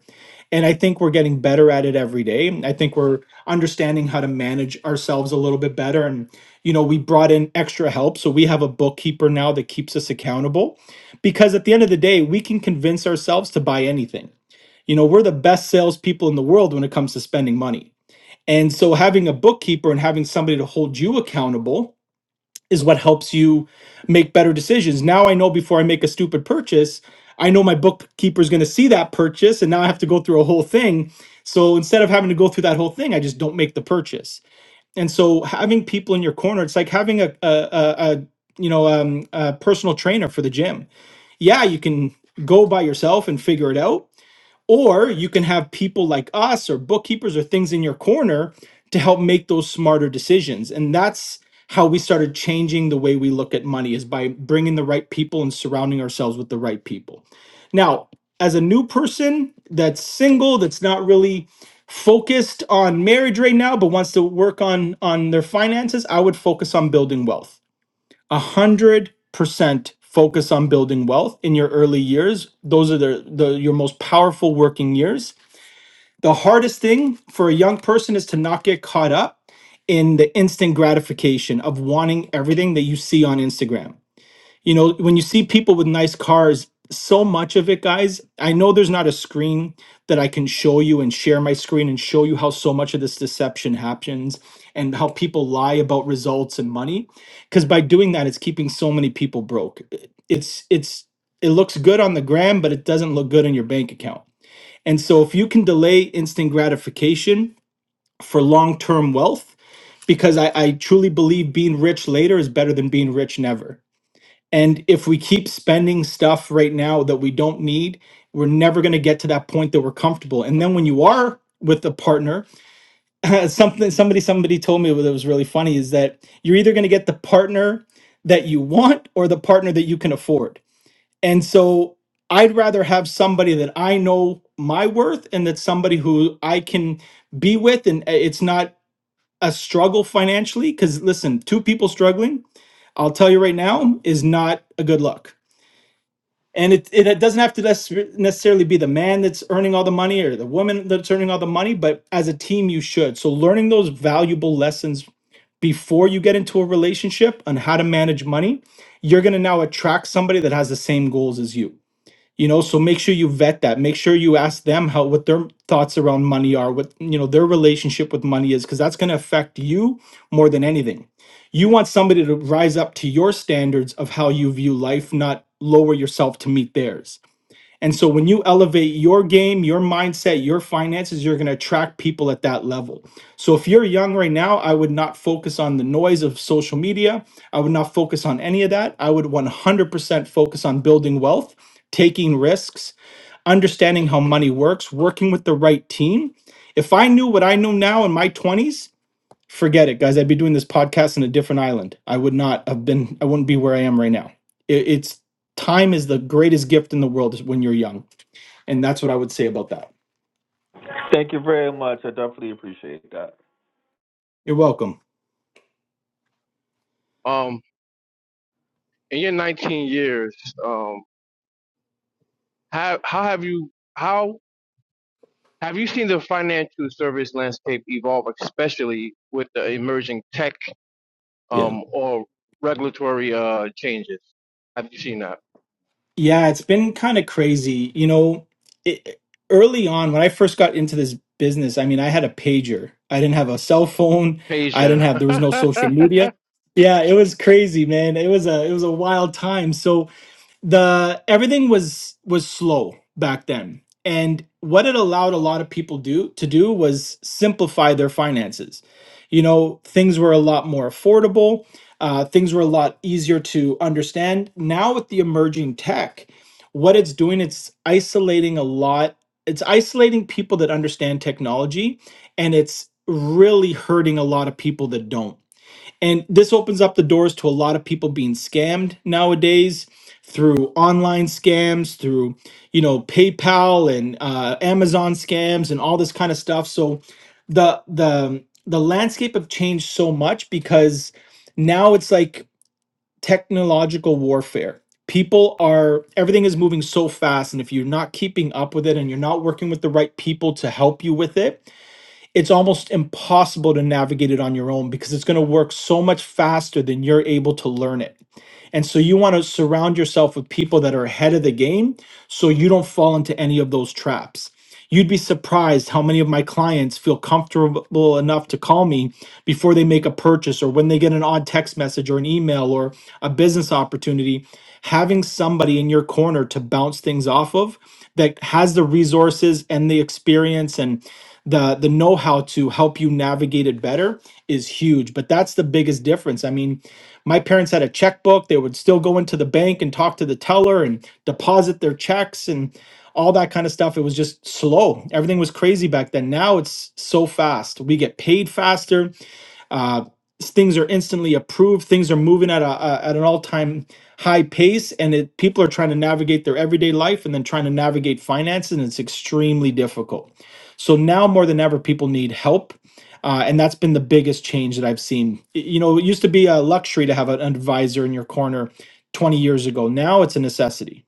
S5: And I think we're getting better at it every day. I think we're understanding how to manage ourselves a little bit better. And, you know, we brought in extra help. So we have a bookkeeper now that keeps us accountable because at the end of the day, we can convince ourselves to buy anything. You know, we're the best salespeople in the world when it comes to spending money. And so having a bookkeeper and having somebody to hold you accountable is what helps you make better decisions. Now I know before I make a stupid purchase, I know my bookkeeper is going to see that purchase and now I have to go through a whole thing. So instead of having to go through that whole thing, I just don't make the purchase. And so having people in your corner, it's like having a, a, a, a you know, um, a personal trainer for the gym. Yeah, you can go by yourself and figure it out, or you can have people like us or bookkeepers or things in your corner to help make those smarter decisions. And that's how we started changing the way we look at money is by bringing the right people and surrounding ourselves with the right people. Now, as a new person that's single, that's not really focused on marriage right now but wants to work on on their finances, I would focus on building wealth 100% focus on building wealth in your early years. Those are the, the your most powerful working years. The hardest thing for a young person is to not get caught up in the instant gratification of wanting everything that you see on Instagram you know when you see people with nice cars so much of it guys i know there's not a screen that i can show you and share my screen and show you how so much of this deception happens and how people lie about results and money because by doing that it's keeping so many people broke it's it's it looks good on the gram but it doesn't look good in your bank account and so if you can delay instant gratification for long-term wealth because I, I truly believe being rich later is better than being rich never and if we keep spending stuff right now that we don't need, we're never going to get to that point that we're comfortable. And then when you are with a partner, something somebody somebody told me that was really funny is that you're either going to get the partner that you want or the partner that you can afford. And so I'd rather have somebody that I know my worth and that's somebody who I can be with and uh, it's not a struggle financially cuz listen, two people struggling, I'll tell you right now, is not a good look and it, it doesn't have to necess- necessarily be the man that's earning all the money or the woman that's earning all the money but as a team you should so learning those valuable lessons before you get into a relationship on how to manage money you're going to now attract somebody that has the same goals as you you know so make sure you vet that make sure you ask them how what their thoughts around money are what you know their relationship with money is because that's going to affect you more than anything you want somebody to rise up to your standards of how you view life not lower yourself to meet theirs and so when you elevate your game, your mindset, your finances, you're going to attract people at that level. So if you're young right now, I would not focus on the noise of social media. I would not focus on any of that. I would 100% focus on building wealth, taking risks, understanding how money works, working with the right team. If I knew what I know now in my 20s, forget it, guys. I'd be doing this podcast in a different island. I would not have been I wouldn't be where I am right now. It- it's time is the greatest gift in the world is when you're young. And that's what I would say about that.
S7: much. I do appreciate that.
S5: You're welcome.
S3: Um, in your 19 years, um, how how have you how have you seen the financial service landscape evolve, especially with the emerging tech
S5: Yeah.
S3: um, or regulatory uh, changes? Have you seen that?
S5: Yeah, it's been kind of crazy. You know, it, early on when I first got into this business, I mean, I had a pager. I didn't have a cell phone. I didn't
S3: Peja,
S5: have there was no social media. Yeah, it was crazy, man. It was a it was a wild time. So the everything was was slow back then and what it allowed a lot of people do to do was simplify their finances you know things were a lot more affordable uh, things were a lot easier to understand now with the emerging tech what it's doing it's isolating a lot it's isolating people that understand technology and it's really hurting a lot of people that don't and this opens up the doors to a lot of people being scammed nowadays through online scams, through, you know, PayPal and uh, Amazon scams and all this kind of stuff. So the the the landscape have changed so much because now it's like technological warfare. People are everything is moving so fast and if you're not keeping up with it and you're not working with the right people to help you with it, it's almost impossible to navigate it on your own because it's going to work so much faster than you're able to learn it and so you want to surround yourself with people that are ahead of the game so you don't fall into any of those traps. You'd be surprised how many of my clients feel comfortable enough to call me before they make a purchase or when they get an odd text message or an email or a business opportunity. Having somebody in your corner to bounce things off of that has the resources and the experience and the the know-how to help you navigate it better is huge but that's the biggest difference i mean my parents had a checkbook. They would still go into the bank and talk to the teller and deposit their checks and all that kind of stuff. It was just slow. Everything was crazy back then. Now it's so fast. We get paid faster uh, things are instantly approved. Things are moving at a, a at an all time high pace, and it, people are trying to navigate their everyday life and then trying to navigate finances, and it's extremely difficult. So now more than ever, people need help. Uh, and that's been the biggest change that I've seen. Y- You know, it used to be a luxury to have an advisor in your corner 20 years ago. Now it's a necessity.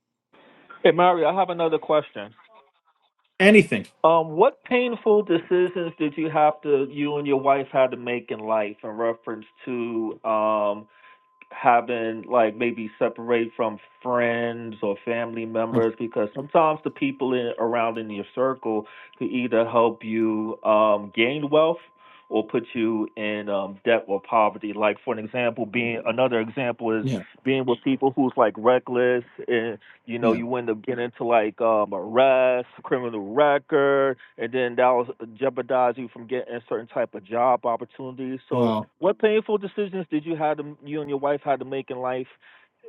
S7: Hey, Mario, I have another question.
S5: Anything.
S7: Um, what painful decisions did you have to you and your wife had to make in life in reference to um having like maybe separate from friends or family
S5: Huh.
S7: members because sometimes the people in around in your circle could either help you um gain wealth or put you in um debt or poverty. Like for an example being another example is
S5: Yeah.
S7: being with people who's like reckless and. You know,
S5: Yeah.
S7: you end up getting into like um, arrest, criminal record, and then that will jeopardize you from getting a certain type of job opportunities. So,
S5: Wow.
S7: what painful decisions did you have to you and your wife had to make in life,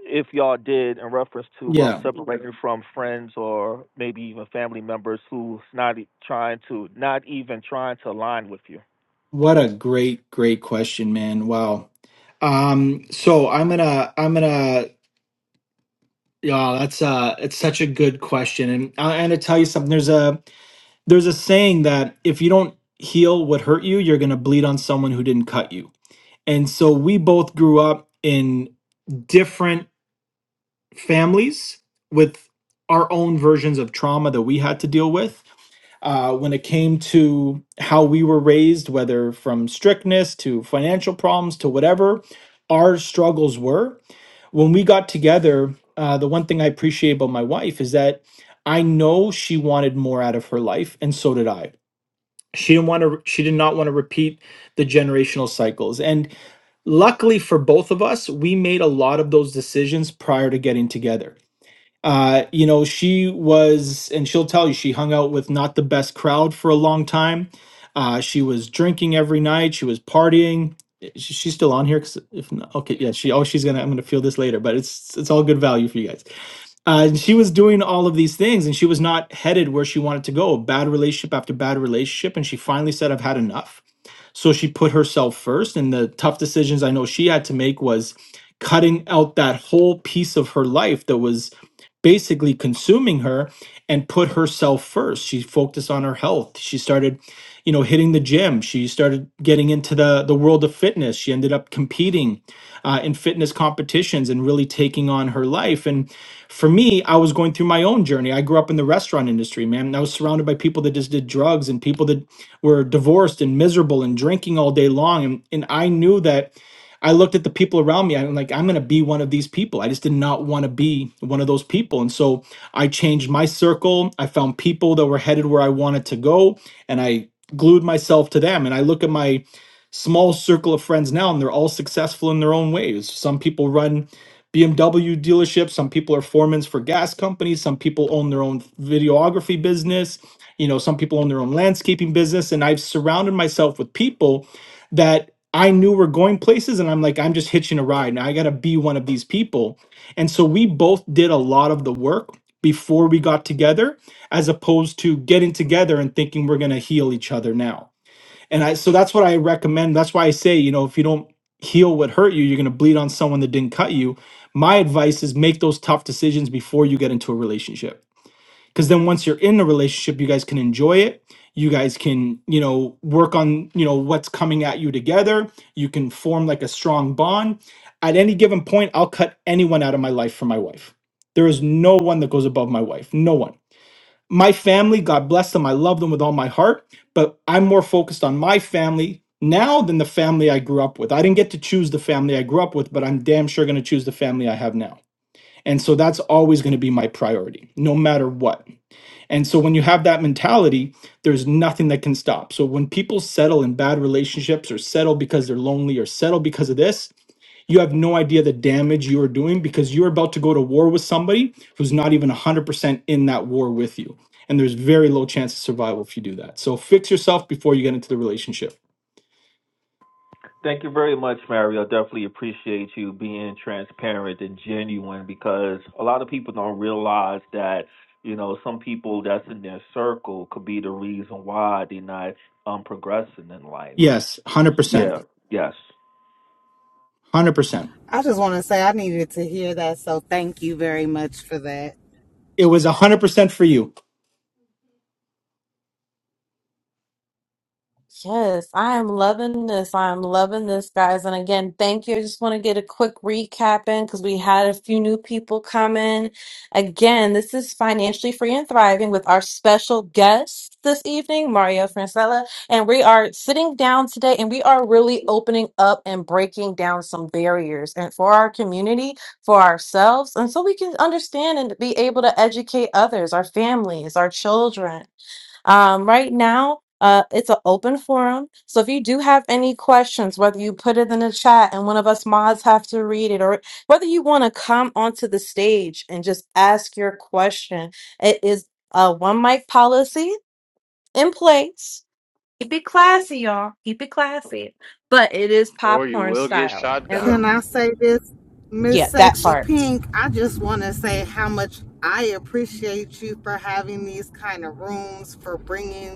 S7: if y'all did, in reference to um,
S5: Yeah.
S7: separating from friends or maybe even family members who's not e- trying to not even trying to align with you?
S5: What a great, great question, man. Wow. Um, so I'm gonna, I'm gonna, yeah, that's uh, it's such a good question, and I- I'm gonna tell you something. There's a, there's a saying that if you don't heal what hurt you, you're gonna bleed on someone who didn't cut you. And so we both grew up in different families with our own versions of trauma that we had to deal with uh, when it came to how we were raised, whether from strictness to financial problems to whatever our struggles were. When we got together, uh, the one thing I appreciate about my wife is that I know she wanted more out of her life, and so did I. She didn't want to. She did not want to repeat the generational cycles. And luckily for both of us, we made a lot of those decisions prior to getting together uh, you know, she was, and she'll tell you, she hung out with not the best crowd for a long time. Uh, she was drinking every night. She was partying. Eh, she- She's still on here because if not, okay, yeah, she. Oh, she's gonna. I'm gonna feel this later, but it's it's all good value for you guys. Uh, and she was doing all of these things, and she was not headed where she wanted to go. Bad relationship after bad relationship, and she finally said, "I've had enough." So she put herself first. And the tough decisions I know she had to make was cutting out that whole piece of her life that was basically consuming her and put herself first. She focused on her health. She started, you know, hitting the gym. She started getting into the, the world of fitness. She ended up competing uh, in fitness competitions and really taking on her life. And for me, I was going through my own journey. I grew up in the restaurant industry, man. and I was surrounded by people that just did drugs and people that were divorced and miserable and drinking all day long. And, and I knew that I looked at the people around me. I'm like, I'm going to be one of these people. I just did not want to be one of those people. And so I changed my circle. I found people that were headed where I wanted to go and I glued myself to them. And I look at my small circle of friends now, and they're all successful in their own ways. Some people run BMW dealerships, some people are foremen for gas companies, some people own their own videography business, you know, some people own their own landscaping business. And I've surrounded myself with people that I knew were going places, and I'm like, I'm just hitching a ride. Now I got to be one of these people. And so we both did a lot of the work before we got together, as opposed to getting together and thinking we're going to heal each other now and I so that's what I recommend. That's why I say, you know, if you don't heal what hurt you, you're going to bleed on someone that didn't cut you. My advice is make those tough decisions before you get into a relationship. Cuz then once you're in the relationship, you guys can enjoy it. You guys can, you know, work on, you know, what's coming at you together. You can form like a strong bond. At any given point, I'll cut anyone out of my life for my wife. There is no one that goes above my wife. No one my family, God bless them. I love them with all my heart, but I'm more focused on my family now than the family I grew up with. I didn't get to choose the family I grew up with, but I'm damn sure going to choose the family I have now. And so that's always going to be my priority, no matter what. And so when you have that mentality, there's nothing that can stop. So when people settle in bad relationships or settle because they're lonely or settle because of this, you have no idea the damage you are doing because you're about to go to war with somebody who's not even 100% in that war with you. And there's very low chance of survival if you do that. So fix yourself before you get into the relationship.
S7: Thank you very much, Mario. I Definitely appreciate you being transparent and genuine because a lot of people don't realize that, you know, some people that's in their circle could be the reason why they're not um progressing in life.
S5: Yes,
S7: Yeah,
S5: 100%.
S7: yes.
S5: 100%.
S9: I just want to say I needed to hear that, so thank you very much for that.
S5: It was 100% for you.
S1: Yes, I am loving this. I am loving this, guys. And again, thank you. I just want to get a quick recap in because we had a few new people come in. Again, this is Financially Free and Thriving with our special guest this evening, Mario Francella. And we are sitting down today and we are really opening up and breaking down some barriers and for our community, for ourselves, and so we can understand and be able to educate others, our families, our children um, right now, uh, it's an open forum. So if you do have any questions, whether you put it in the chat and one of us mods have to read it, or whether you want to come onto the stage and just ask your question, it is a one mic policy in place. Keep it classy, y'all. Keep it classy. But it is
S3: or you
S1: popcorn
S3: will get
S1: style.
S3: shot down.
S1: And
S9: Can I say this,
S1: yeah,
S9: Miss
S1: that
S9: Sexy
S1: part.
S9: Pink? I just want to say how much I appreciate you for having these kind of rooms, for bringing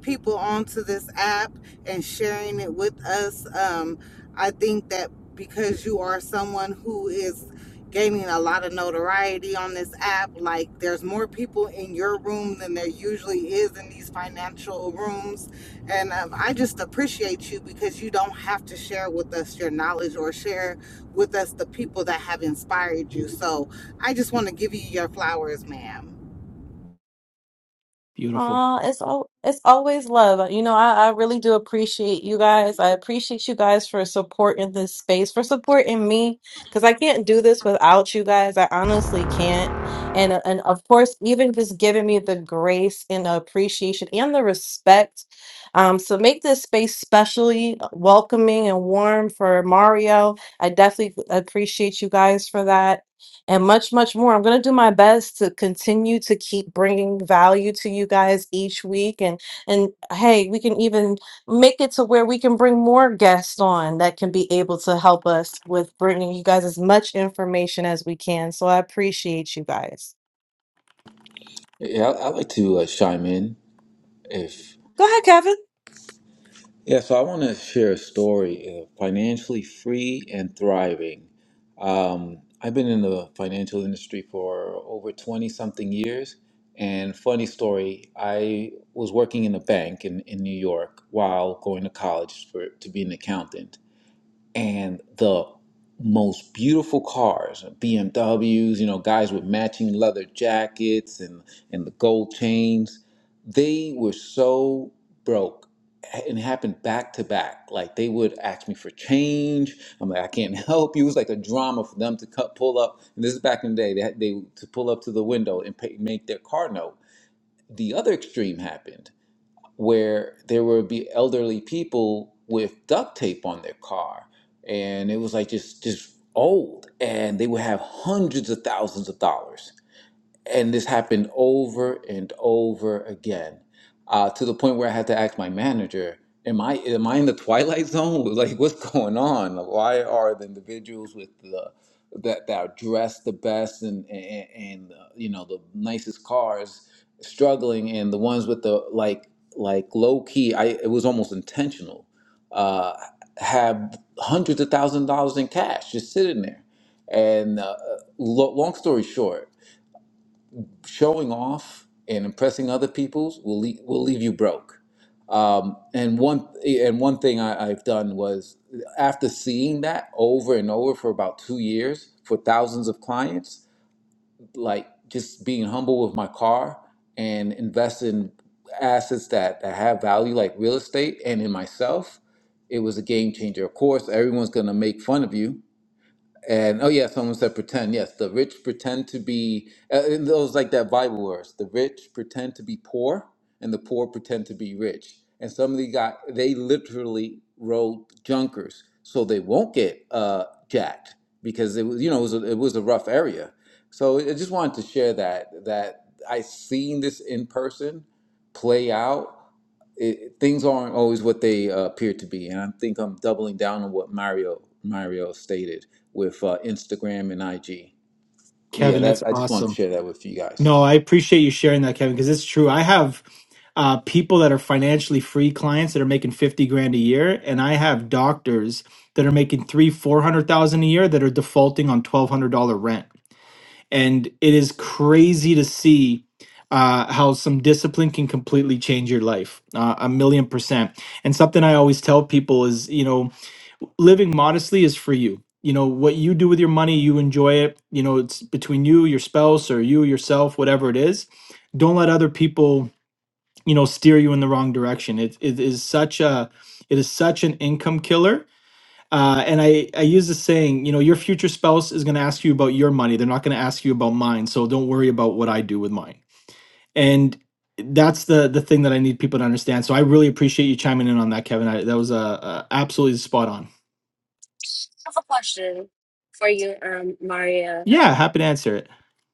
S9: people onto this app and sharing it with us. Um, I think that because you are someone who is gaining a lot of notoriety on this app, like there's more people in your room than there usually is in these financial rooms. And um, I just appreciate you because you don't have to share with us your knowledge or share with us the people that have inspired you. So I just want to give you your flowers, ma'am.
S5: Beautiful.
S1: Uh, it's all it's always love. You know, I, I really do appreciate you guys. I appreciate you guys for supporting this space, for supporting me, because I can't do this without you guys. I honestly can't. And and of course, even just giving me the grace and the appreciation and the respect. Um, so make this space specially welcoming and warm for Mario. I definitely appreciate you guys for that and much, much more. I'm going to do my best to continue to keep bringing value to you guys each week. And, and hey, we can even make it to where we can bring more guests on that can be able to help us with bringing you guys as much information as we can. So I appreciate you guys.
S11: Yeah, I- I'd like to uh, chime in if.
S1: Go ahead, Kevin.
S11: Yeah, so I want to share a story of financially free and thriving. Um, I've been in the financial industry for over 20 something years. And funny story, I was working in a bank in, in New York while going to college for, to be an accountant and the most beautiful cars, BMWs, you know, guys with matching leather jackets and and the gold chains, they were so broke and it happened back to back. Like they would ask me for change. I'm like, I can't help you. It was like a drama for them to cut, pull up. And this is back in the day. They had, they to pull up to the window and pay, make their car note. The other extreme happened where there would be elderly people with duct tape on their car and it was like just just old and they would have hundreds of thousands of dollars and this happened over and over again uh, to the point where I had to ask my manager, "Am I am I in the twilight zone? Like, what's going on? Why are the individuals with the that that are dressed the best and and, and uh, you know the nicest cars struggling, and the ones with the like like low key? I it was almost intentional. Uh, have hundreds of thousand dollars in cash just sitting there, and uh, lo- long story short." showing off and impressing other people's will leave, will leave you broke. Um, and one and one thing I, I've done was after seeing that over and over for about two years for thousands of clients, like just being humble with my car and invest in assets that, that have value like real estate and in myself, it was a game changer. Of course, everyone's gonna make fun of you and oh yeah, someone said pretend. Yes, the rich pretend to be. Uh, and those like that Bible verse. The rich pretend to be poor, and the poor pretend to be rich. And somebody got they literally rode junkers, so they won't get uh, jacked because it was you know it was a, it was a rough area. So I just wanted to share that that I seen this in person play out it, things aren't always what they uh, appear to be. And I think I'm doubling down on what Mario Mario stated with uh, Instagram and IG. But yeah,
S5: Kevin, that's
S11: that I just wanted
S5: awesome.
S11: to share that with you guys.
S5: No, I appreciate you sharing that, Kevin, because it's true. I have uh, people that are financially free clients that are making fifty grand a year, and I have doctors that are making three, four hundred thousand a year that are defaulting on twelve hundred dollar rent, and it is crazy to see uh, how some discipline can completely change your life, uh, a million percent. And something I always tell people is, you know, living modestly is for you. You know, what you do with your money, you enjoy it. You know, it's between you, your spouse, or you, yourself, whatever it is. Don't let other people, you know, steer you in the wrong direction. It, it is such a, it is such an income killer. Uh, and I, I use the saying, you know, your future spouse is going to ask you about your money. They're not going to ask you about mine. So don't worry about what I do with mine. And that's the the thing that I need people to understand. So I really appreciate you chiming in on that, Kevin. I, that was uh, uh, absolutely spot on.
S12: have a question for you, um, Maria.
S5: Yeah, happy to answer it.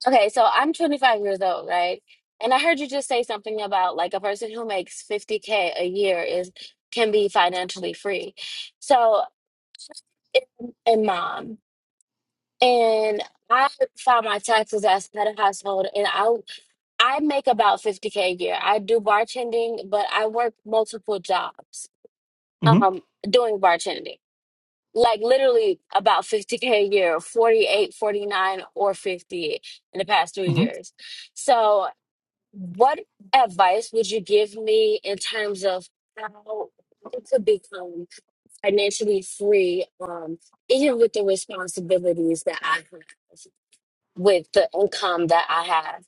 S12: Okay, so I'm 25 years old, right? And I heard you just say something about like a person who makes 50k a year is can be financially free. So, and and mom, and I file my taxes as head of household, and I I make about 50K a year. I do bartending, but I work multiple jobs
S5: hmm
S12: um, doing bartending. like literally about 50k a year 48, 49, or 50 in the past three
S5: hmm
S12: years so what advice would you give me in terms of how to become financially free um even with the responsibilities that i have with the income that i have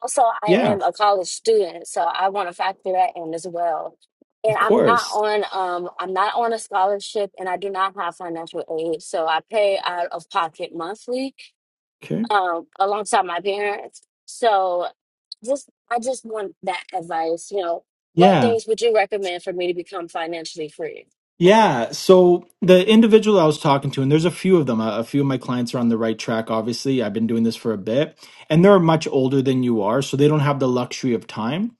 S12: also, I
S5: Yeah,
S12: am a college student, so I want to factor that in as well. And
S5: of
S12: I'm not
S5: course.
S12: on um I'm not on a scholarship and I do not have financial aid. So I pay out of pocket monthly
S5: Okay.
S12: um alongside my parents. So just I just want that advice, you know, what
S5: Yeah.
S12: things would you recommend for me to become financially free?
S5: Yeah. So the individual I was talking to, and there's a few of them, a, a few of my clients are on the right track, obviously. I've been doing this for a bit, and they're much older than you are. So they don't have the luxury of time.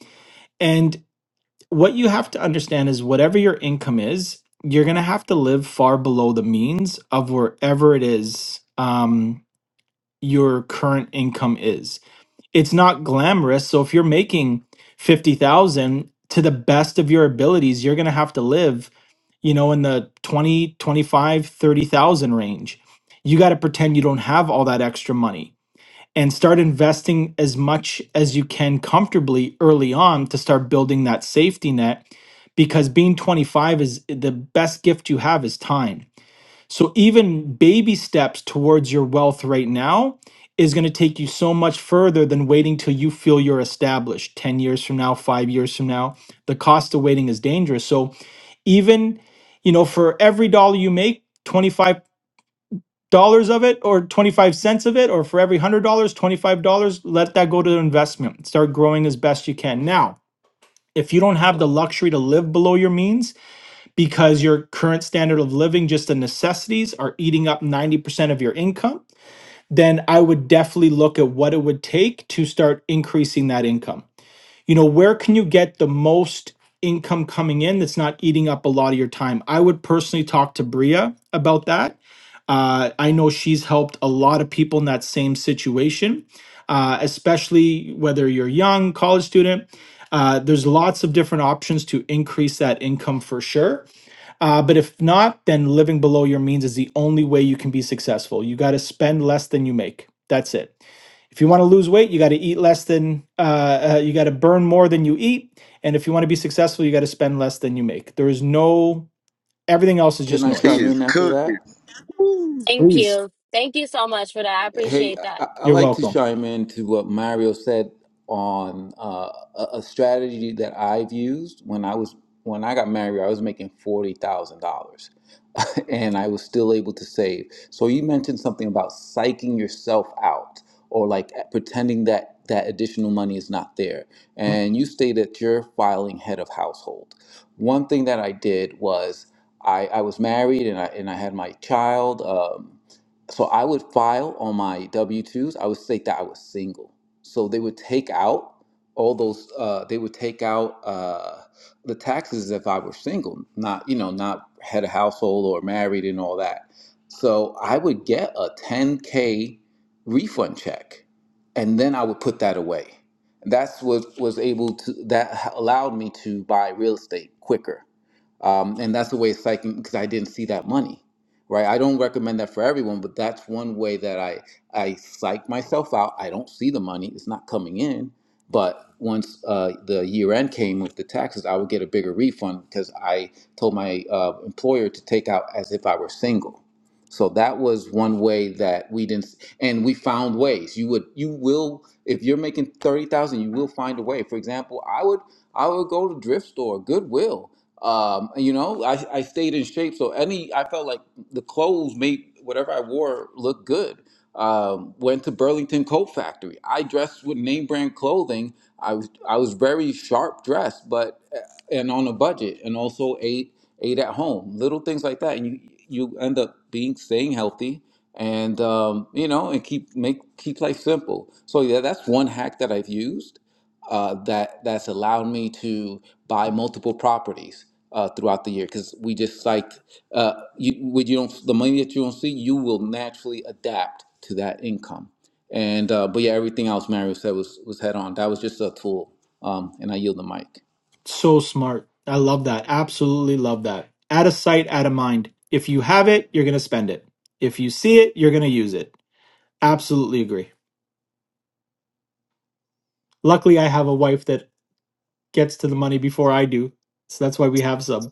S5: And what you have to understand is whatever your income is, you're going to have to live far below the means of wherever it is um, your current income is. it's not glamorous. So if you're making 50,000 to the best of your abilities, you're going to have to live, you know, in the 20, 25, 30,000 range. You got to pretend you don't have all that extra money and start investing as much as you can comfortably early on to start building that safety net because being 25 is the best gift you have is time so even baby steps towards your wealth right now is going to take you so much further than waiting till you feel you're established 10 years from now, 5 years from now. The cost of waiting is dangerous. So even, you know, for every dollar you make, 25 dollars of it or 25 cents of it or for every $100, $25, let that go to investment. Start growing as best you can. Now, if you don't have the luxury to live below your means, because your current standard of living, just the necessities, are eating up 90% of your income, then I would definitely look at what it would take to start increasing that income. You know, where can you get the most income coming in that's not eating up a lot of your time? I would personally talk to Bria about that. Uh, I know she's helped a lot of people in that same situation, uh, especially whether you're young, college student. Uh, there's lots of different options to increase that income for sure uh, but if not, then living below your means is the only way you can be successful. You got to spend less than you make. That's it. If you want to lose weight, you got to eat less than, uh, uh, you got to burn more than you eat. And if you want to be successful, you got to spend less than you make. There is no, everything else is
S11: Can
S5: just
S11: I
S13: He
S5: noise.
S11: chime
S13: is
S11: in after
S13: cooking.
S11: that?
S13: Woo.
S12: Thank
S5: Please.
S12: you. Thank you so much for that. I
S11: Hey,
S12: appreciate
S11: I,
S12: that.
S11: I
S5: You're
S11: like to
S5: welcome.
S11: chime in to what Mario said on uh, a, a strategy that I've used when I was when I got married. I was making forty thousand dollars, and I was still able to save. So you mentioned something about psyching yourself out or like pretending that that additional money is not there.
S5: Mm,
S11: And you stated you're filing head of household. One thing that I did was I, I was married and I and I had my child. Um, so I would file on my W twos. I would state that I was single. So they would take out all those. Uh, they would take out uh, the taxes if I were single, not you know, not had a household or married and all that. So I would get a 10k refund check, and then I would put that away. That's what was able to that allowed me to buy real estate quicker um, and that's the way it's psyching because I didn't see that money, right? I don't recommend that for everyone, but that's one way that I I psych myself out. I don't see the money; it's not coming in. But once uh, the year end came with the taxes, I would get a bigger refund because I told my uh, employer to take out as if I were single. So that was one way that we didn't, and we found ways. You would, you will, if you're making thirty thousand, you will find a way. For example, I would, I would go to thrift store, Goodwill, um and, you know I, I stayed in shape so any i felt like the clothes made whatever i wore look good um went to burlington coat factory i dressed with name brand clothing i was i was very sharp dressed but uh, and on a budget and also ate ate at home little things like that and you you end up being staying healthy and um you know and keep make keep life simple so yeah that's one hack that i've used uh, that that's allowed me to buy multiple properties uh, throughout the year because we just like uh, you when you don't the money that you don't see you will naturally adapt to that income and uh, but yeah everything else Mario said was was head on that was just a tool um, and I yield the mic.
S5: So smart. I love that. Absolutely love that. Out of sight, out of mind. If you have it, you're going to spend it. If you see it, you're going to use it. Absolutely agree. Luckily, I have a wife that gets to the money before I do. So that's why we have some.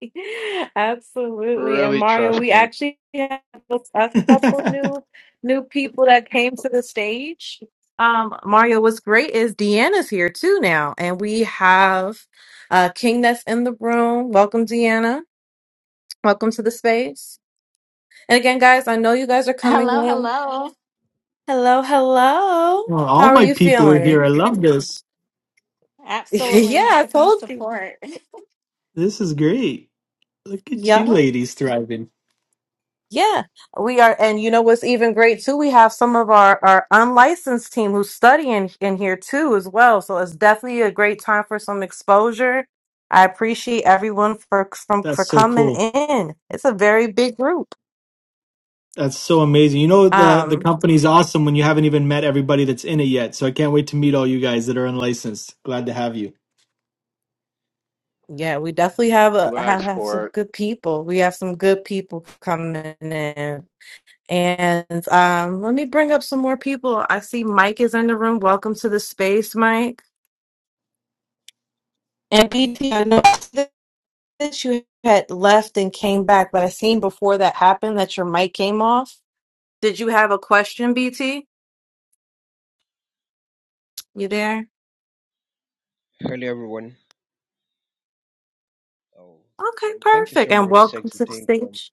S1: Absolutely. And
S3: Really
S1: Mario, we
S3: trusting.
S1: actually have a couple new new people that came to the stage. Um, Mario, what's great is Deanna's here too now, and we have uh King that's in the room. Welcome, Deanna. Welcome to the space. And again, guys, I know you guys are coming
S14: Hello,
S1: in.
S14: hello.
S1: Hello, hello.
S5: Well,
S1: How
S5: all
S1: are
S5: my
S1: you
S5: people are
S1: feeling?
S5: here. I love this.
S14: Absolutely
S1: yeah,
S14: have
S1: I
S14: to come
S1: told you.
S14: support.
S5: This is great. Look at
S1: Yeah.
S5: you ladies thriving.
S1: Yeah, we are, and you know what's even great too? We have some of our our unlicensed team who's studying in here too as well. So it's definitely a great time for some exposure. I appreciate everyone for from
S5: That's
S1: for
S5: so
S1: coming
S5: cool.
S1: in. It's a very big group.
S5: That's so amazing. You know the the
S1: Um,
S5: company's awesome when you haven't even met everybody that's in it yet. So I can't wait to meet all you guys that are unlicensed. Glad to have you.
S1: yeah, we definitely have a
S3: You
S1: have,
S3: asked
S1: have some
S3: for it.
S1: good people. We have some good people coming in. And um, let me bring up some more people. I see Mike is in the room. Welcome to the space, Mike. And BT, know. that you had left and came back, but I seen before that happened that your mic came off. Did you have a question, BT? You there?
S15: Hello everyone. Oh,
S1: Okay,
S15: um, thank you
S1: perfect.
S15: so
S1: And
S15: much,
S1: welcome
S15: Sexy
S1: to the
S15: Team. Um,
S1: stage.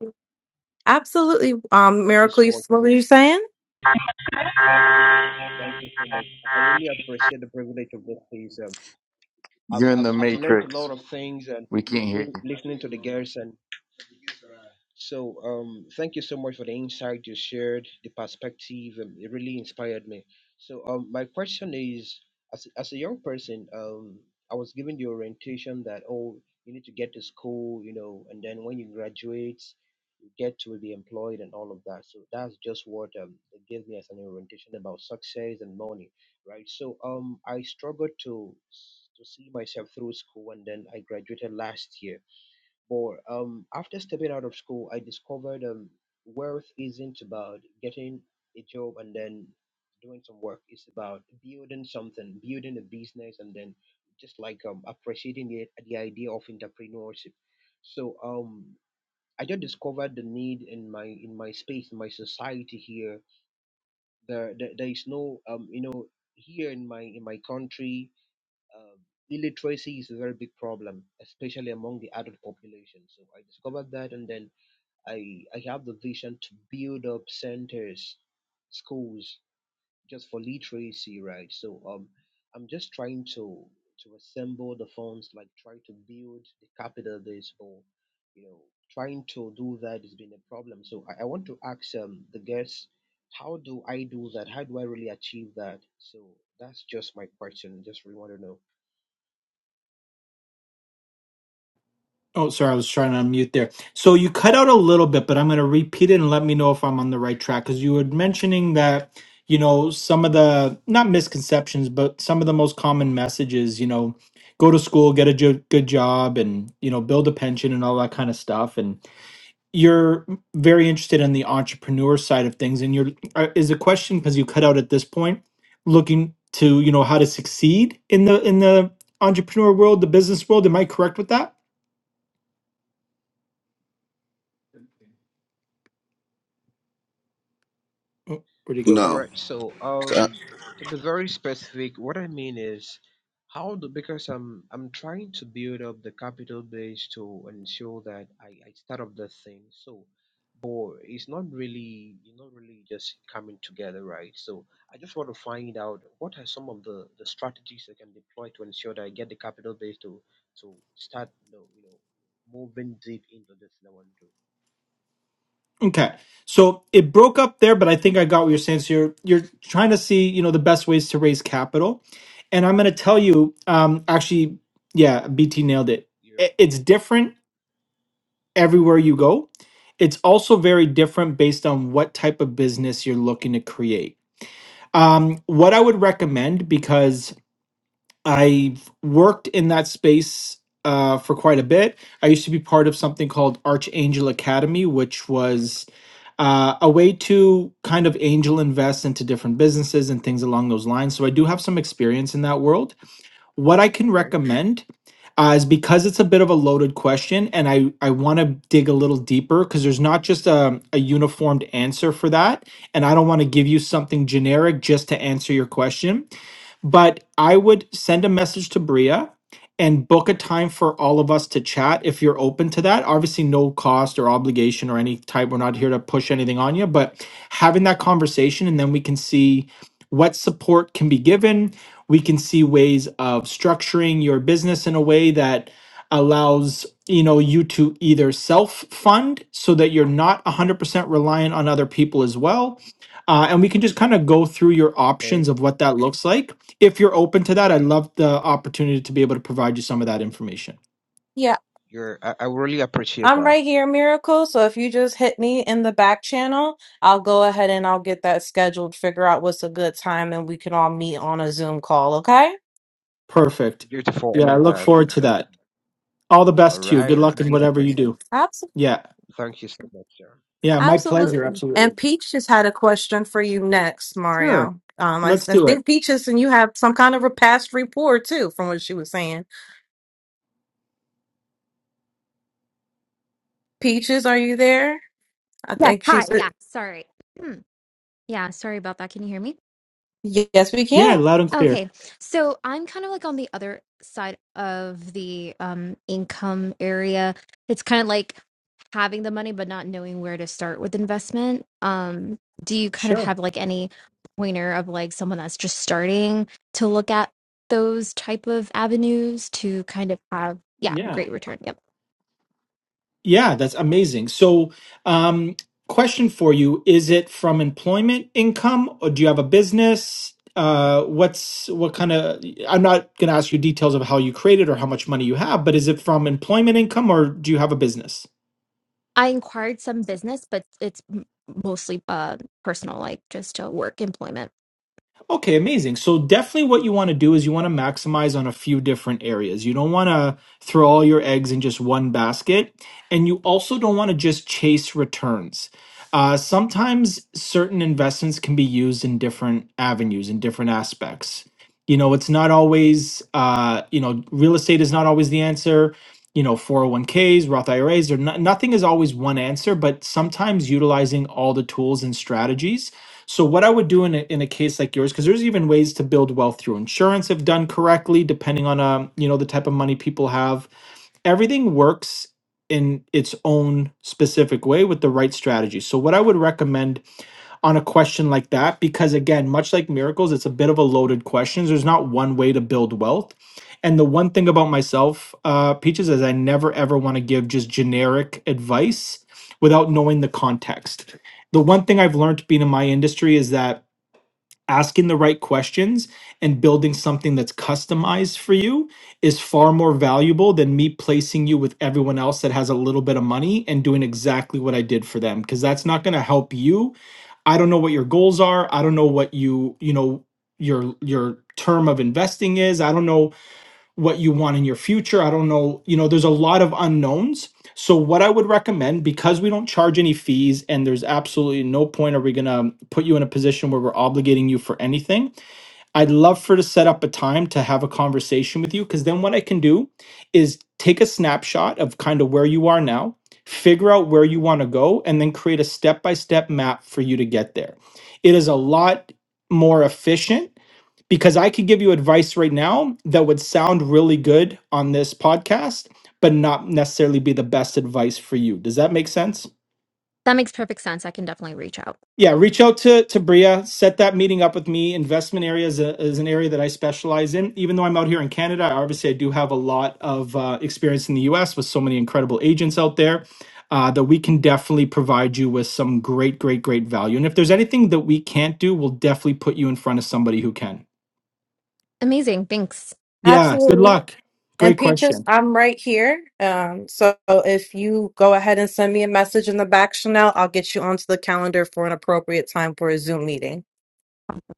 S1: Absolutely. Um,
S15: thank you
S1: Miracle,
S15: so
S1: you-
S15: much. I
S1: what were
S15: re-
S1: you saying?
S15: thank you so much. I really appreciate the privilege of this piece. Um,
S11: You're
S15: I've,
S11: in
S15: I've
S11: the
S15: I've learned a lot
S11: matrix.
S15: of things and
S11: We can't hear
S15: listening
S11: you.
S15: listening to the girls and. So, um, thank you so much for the insight you shared, the perspective. Um, it really inspired me. So, um, my question is, as as a young person, um, I was given the orientation that oh, you need to get to school, you know, and then when you graduate, you get to be employed and all of that. So that's just what um they gave me as an orientation about success and money, right? So, um, I struggled to to see myself through school, and then I graduated last year but um, after stepping out of school, I discovered um, wealth isn't about getting a job and then doing some work. It's about building something, building a business, and then just like um, appreciating the, the idea of entrepreneurship. So um, I just discovered the need in my in my space, in my society here. There, there, there is no um, you know, here in my in my country uh, illiteracy is a very big problem, especially among the adult population. So I discovered that, and then I I have the vision to build up centers, schools just for literacy, right? So um, I'm just trying to to assemble the funds, like try to build the capital base for, you know, trying to do that has been a problem. So I, I want to ask um the guests. How do I do that? How do I really achieve that? So that's just my question. Just really want to know.
S5: Oh, sorry, I was trying to unmute there. So you cut out a little bit, but I'm going to repeat it and let me know if I'm on the right track because you were mentioning that, you know, some of the not misconceptions, but some of the most common messages, you know, go to school, get a jo- good job and, you know, build a pension and all that kind of stuff and you're very interested in the entrepreneur side of things and you're uh, is a question because you cut out at this point looking to, you know, how to succeed in the in the entrepreneur world, the business world. Am I correct with that? Oh, where'd he go?
S15: All
S13: No.
S15: right, so um, to be very specific, what I mean is how do because I'm I'm trying to build up the capital base to ensure that I, I start up the thing. So, but it's not really you not really just coming together, right? So I just want to find out what are some of the the strategies I can deploy to ensure that I get the capital base to to start you know, you know moving deep into this that I want to do.
S5: Okay. So it broke up there, but I think I got what you're saying. So you're you're trying to see, you know, the best ways to raise capital. And I'm gonna tell you, um, actually, yeah, BT nailed it.
S15: Yeah.
S5: I- It's different everywhere you go. It's also very different based on what type of business you're looking to create. Um, what I would recommend, because I've worked in that space uh, for quite a bit. I used to be part of something called Archangel Academy, which was uh, a way to kind of angel invest into different businesses and things along those lines. So I do have some experience in that world. What I can
S15: Okay.
S5: recommend uh, is because it's a bit of a loaded question, and I I want to dig a little deeper because there's not just a, a uniformed answer for that, and I don't want to give you something generic just to answer your question but I would send a message to Bria and book a time for all of us to chat if you're open to that. Obviously, no cost or obligation or any type. We're not here to push anything on you, but having that conversation and then we can see what support can be given. We can see ways of structuring your business in a way that allows you know you to either self fund so that you're not 100% reliant on other people as well uh, and we can just kind of go through your options
S15: Okay.
S5: of what that looks like if you're open to that, I'd love the opportunity to be able to provide you some of that information.
S1: Yeah.
S15: You're I, I really appreciate
S1: I'm
S15: that.
S1: right here, Miracle. So if you just hit me in the back channel, I'll go ahead and I'll get that scheduled, figure out what's a good time, and we can all meet on a Zoom call, okay?
S5: Perfect.
S15: Beautiful.
S5: Yeah,
S15: I
S5: I
S15: love
S5: look
S15: that.
S5: forward to
S15: Thank
S5: that.
S15: you.
S5: All the
S15: All
S5: best to you. Good
S15: right.
S5: luck in
S15: we
S5: whatever you
S15: appreciate it.
S5: do.
S1: Absolutely.
S5: Yeah.
S15: Thank you so much, sir.
S5: Yeah, my pleasure.
S1: Absolutely. And
S5: Absolutely.
S1: Peach just had a question for you next,
S5: Sure.
S1: Mario. Um, I, s-
S5: Let's
S1: I
S5: do it.
S1: think Peaches and you have some kind of a past rapport too, from what she was saying. Peaches, are you there? I
S16: Yes.
S1: think she
S16: Hi.
S1: said,
S16: Yeah. Sorry. Hmm. yeah. Sorry about that. Can you hear me?
S1: yes, we
S5: Yeah,
S1: can.
S5: loud and clear.
S16: Okay. So I'm kind of like on the other side of the um income area. It's kind of like having the money but not knowing where to start with investment. Um, do you kind of
S5: Sure.
S16: have like any pointer of like someone that's just starting to look at those type of avenues to kind of have yeah,
S5: Yeah.
S16: great return. Yep.
S5: Yeah, that's amazing. So, um, question for you, is it from employment income or do you have a business? Uh, what's what kind of, I'm not going to ask you details of how you created or how much money you have, but is it from employment income or do you have a business?
S16: I inquired some business, but it's m- mostly uh personal, like just uh, work employment.
S5: Okay, amazing. So definitely what you want to do is you want to maximize on a few different areas. You don't want to throw all your eggs in just one basket, and you also don't want to just chase returns. Uh, sometimes certain investments can be used in different avenues, in different aspects. You know, it's not always, uh, you know, real estate is not always the answer. You know, 401ks, Roth IRAs, or no, nothing is always one answer, but sometimes utilizing all the tools and strategies so what I would do in a, in a case like yours, because there's even ways to build wealth through insurance if done correctly, depending on um you know the type of money people have. Everything works in its own specific way with the right strategy. So what I would recommend on a question like that because again much like miracles it's a bit of a loaded question there's not one way to build wealth and the one thing about myself uh, peaches is i never ever want to give just generic advice without knowing the context the one thing i've learned being in my industry is that asking the right questions and building something that's customized for you is far more valuable than me placing you with everyone else that has a little bit of money and doing exactly what I did for them because that's not going to help you. I don't know what your goals are. I don't know what you, you know, your your term of investing is. I don't know what you want in your future. I don't know, you know, there's a lot of unknowns. So what I would recommend because we don't charge any fees and there's absolutely no point are we going to put you in a position where we're obligating you for anything, I'd love for to set up a time to have a conversation with you because then what I can do is take a snapshot of kind of where you are now, figure out where you want to go, and then create a step by step map for you to get there. It is a lot more efficient because I could give you advice right now that would sound really good on this podcast, but not necessarily be the best advice for you. Does that make sense?
S16: That makes perfect sense. I can definitely reach out.
S5: Yeah, reach out to to Bria. Set that meeting up with me. Investment area is, a, is an area that I specialize in. Even though I'm out here in Canada, obviously I do have a lot of uh, experience in the U.S. with so many incredible agents out there uh, that we can definitely provide you with some great, great, great value. And if there's anything that we can't do, we'll definitely put you in front of somebody who can.
S16: Amazing. Thanks.
S5: Yeah. Good
S1: Absolutely.
S5: luck.
S1: And
S5: Great
S1: Peaches,
S5: question.
S1: I'm right here. Um, so if you go ahead and send me a message in the back, Chanel, I'll get you onto the calendar for an appropriate time for a Zoom meeting.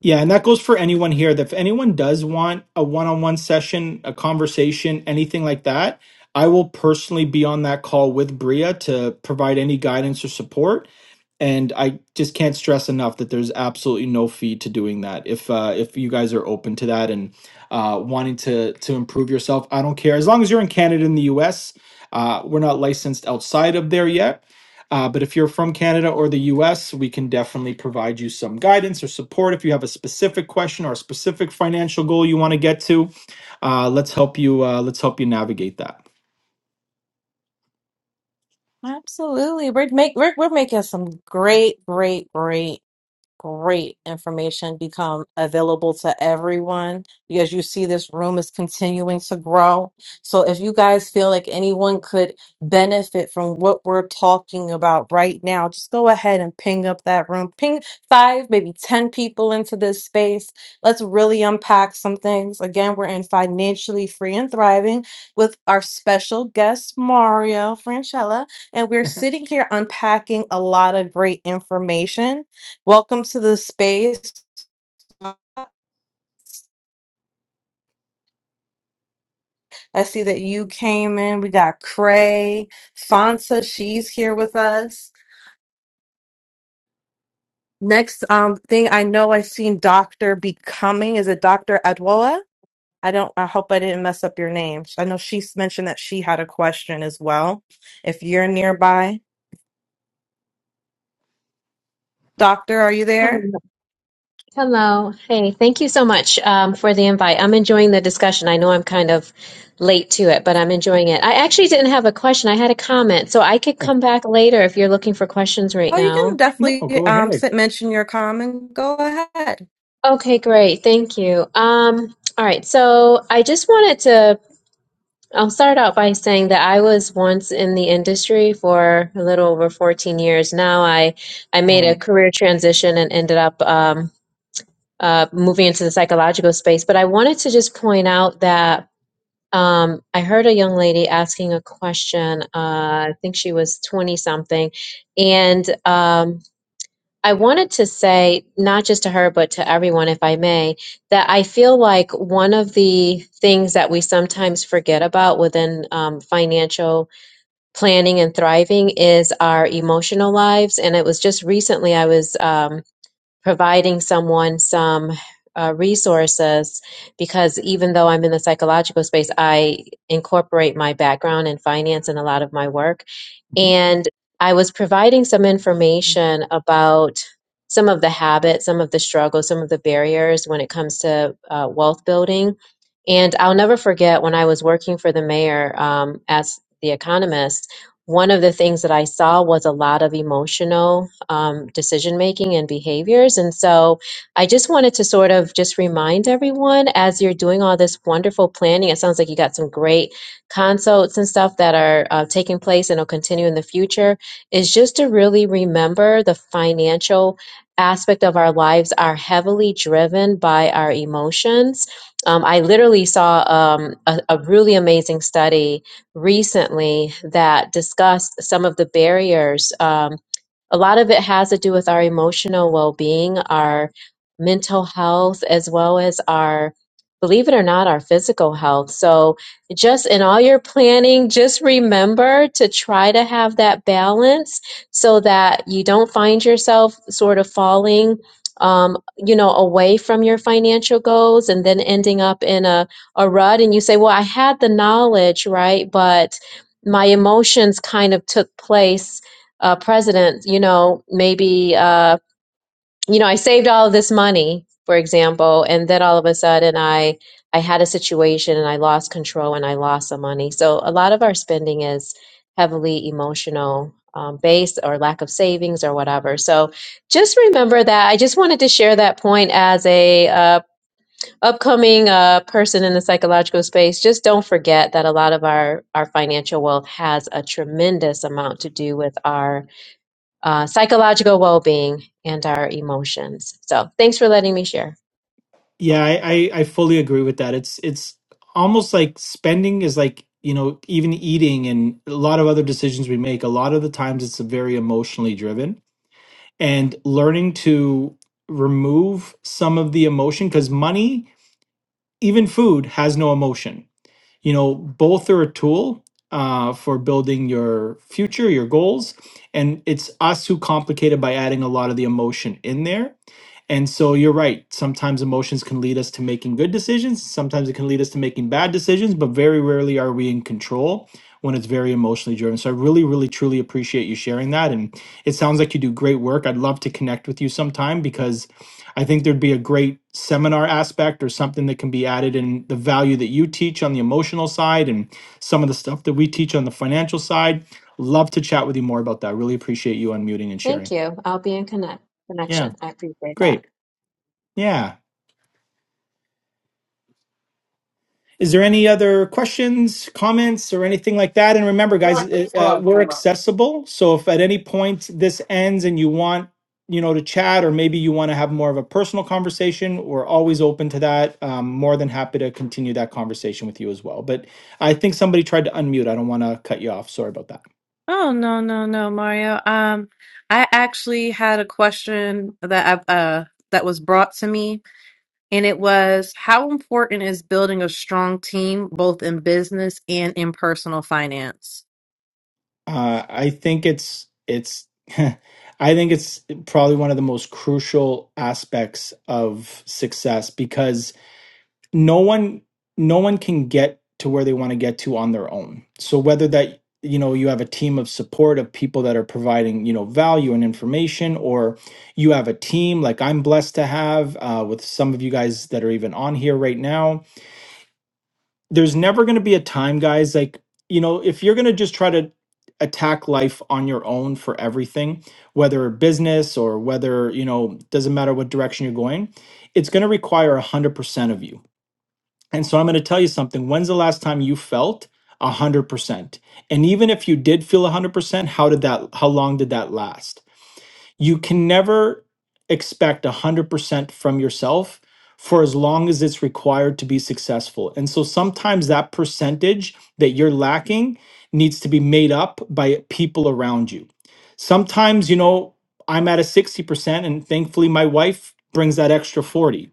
S5: Yeah, and that goes for anyone here. That if anyone does want a one-on-one session, a conversation, anything like that, I will personally be on that call with Bria to provide any guidance or support. And I just can't stress enough that there's absolutely no fee to doing that. If uh, if you guys are open to that and uh, wanting to to improve yourself, I don't care. As long as you're in Canada and the U.S., uh, we're not licensed outside of there yet. Uh, but if you're from Canada or the U.S., we can definitely provide you some guidance or support. If you have a specific question or a specific financial goal you want to get to, uh, let's help you. Uh, let's help you navigate that.
S1: Absolutely. We're make we're we're making some great, great, great great information become available to everyone because you see this room is continuing to grow. So if you guys feel like anyone could benefit from what we're talking about right now, just go ahead and ping up that room. Ping five, maybe 10 people into this space. Let's really unpack some things. Again, we're in Financially Free and Thriving with our special guest, Mario Franchella, and we're sitting here unpacking a lot of great information Welcome to the space. I see that you came in. We got Cray, Fonsa, she's here with us. Next um thing I know I've seen Dr. Becoming. Is it Dr. Adwoa? I don't I hope I didn't mess up your name. I know she's mentioned that she had a question as well. If you're nearby. Doctor, are you
S17: Hello.
S1: there?
S17: Hello. Hey, thank you so much um, for the invite. I'm enjoying the discussion. I know I'm kind of late to it, but I'm enjoying it. I actually didn't have a question. I had a comment, so I could
S5: Yeah.
S17: come back later if you're looking for questions right
S1: Oh, you can
S17: now.
S5: No,
S1: definitely
S5: go
S1: um
S5: ahead.
S1: sit, mention your comment. Go ahead.
S17: Okay, great. Thank you. Um, all right. So I just wanted to, I'll start out by saying that I was once in the industry for a little over 14 years. Now I, I made a
S5: Wow.
S17: career transition and ended up um, uh, moving into the psychological space. But I wanted to just point out that um, I heard a young lady asking a question. Uh, I think she was 20 something. And um, I wanted to say, not just to her, but to everyone, if I may, that I feel like one of the things that we sometimes forget about within um, financial planning and thriving is our emotional lives. And it was just recently I was. Um, providing someone some uh, resources because even though I'm in the psychological space, I incorporate my background in finance in a lot of my work.
S5: Mm-hmm.
S17: And I was providing some information about some of the habits, some of the struggles, some of the barriers when it comes to uh, wealth building. And I'll never forget when I was working for the mayor um, as the economist, one of the things that I saw was a lot of emotional um, decision making and behaviors. And so I just wanted to sort of just remind everyone as you're doing all this wonderful planning, it sounds like you got some great consults and stuff that are uh, taking place and will continue in the future is just to really remember the financial aspect of our lives are heavily driven by our emotions. Um, I literally saw um, a, a really amazing study recently that discussed some of the barriers. um, a lot of it has to do with our emotional well-being our mental health as well as our believe it or not our physical health so just in all your planning just remember to try to have that balance so that you don't find yourself sort of falling um, you know away from your financial goals and then ending up in a, a rut and you say well i had the knowledge right but my emotions kind of took place uh, president, you know, maybe, uh, you know, I saved all of this money, for example, and then all of a sudden I, I had a situation and I lost control and I lost some money. So a lot of our spending is heavily emotional um, based or lack of savings or whatever. So just remember that. I just wanted to share that point as a uh, upcoming uh, person in the psychological space. Just don't forget that a lot of our, our financial wealth has a tremendous amount to do with our uh, psychological well being, and our emotions. So, thanks for letting me share.
S5: Yeah, I, I I fully agree with that. It's it's almost like spending is like, you know, even eating and a lot of other decisions we make, a lot of the times it's very emotionally driven. And learning to remove some of the emotion, because money, even food, has no emotion you know both are a tool uh, for building your future your goals and it's us who complicate it by adding a lot of the emotion in there and so you're right sometimes emotions can lead us to making good decisions sometimes it can lead us to making bad decisions but very rarely are we in control when it's very emotionally driven so i really really truly appreciate you sharing that and it sounds like you do great work i'd love to connect with you sometime because I think there'd be a great seminar aspect or something that can be added in the value that you teach on the emotional side and some of the stuff that we teach on the financial side. Love to chat with you more about that. Really appreciate you unmuting and
S17: Thank
S5: sharing.
S17: you. I'll be in connect
S5: Yeah,
S17: connection. I appreciate that.
S5: great. Yeah. Is there any other questions, comments, or anything like that? And remember, guys, uh, uh, we're accessible. So if at any point this ends and you want, you know, to chat, or maybe you want to have more of a personal conversation, we're always open to that. Um, more than happy to continue that conversation with you as well. But I think somebody tried to unmute. I don't want to cut you off. Sorry about that.
S1: Oh no no no Mario. Um I actually had a question that I've uh that was brought to me and it was how important is building a strong team both in business and in personal finance?
S5: Uh, I think it's it's I think it's probably one of the most crucial aspects of success because no one no one can get to where they want to get to on their own. So whether that you know you have a team of support of people that are providing you know value and information or you have a team like i'm blessed to have uh, with some of you guys that are even on here right now there's never going to be a time guys like you know if you're going to just try to attack life on your own for everything whether business or whether you know doesn't matter what direction you're going it's going to require 100% of you and so i'm going to tell you something when's the last time you felt 100% and even if you did feel 100% how did that how long did that last you can never expect 100% from yourself for as long as it's required to be successful. And so sometimes that percentage that you're lacking needs to be made up by people around you. Sometimes, you know, I'm at a 60%, and thankfully my wife brings that extra 40.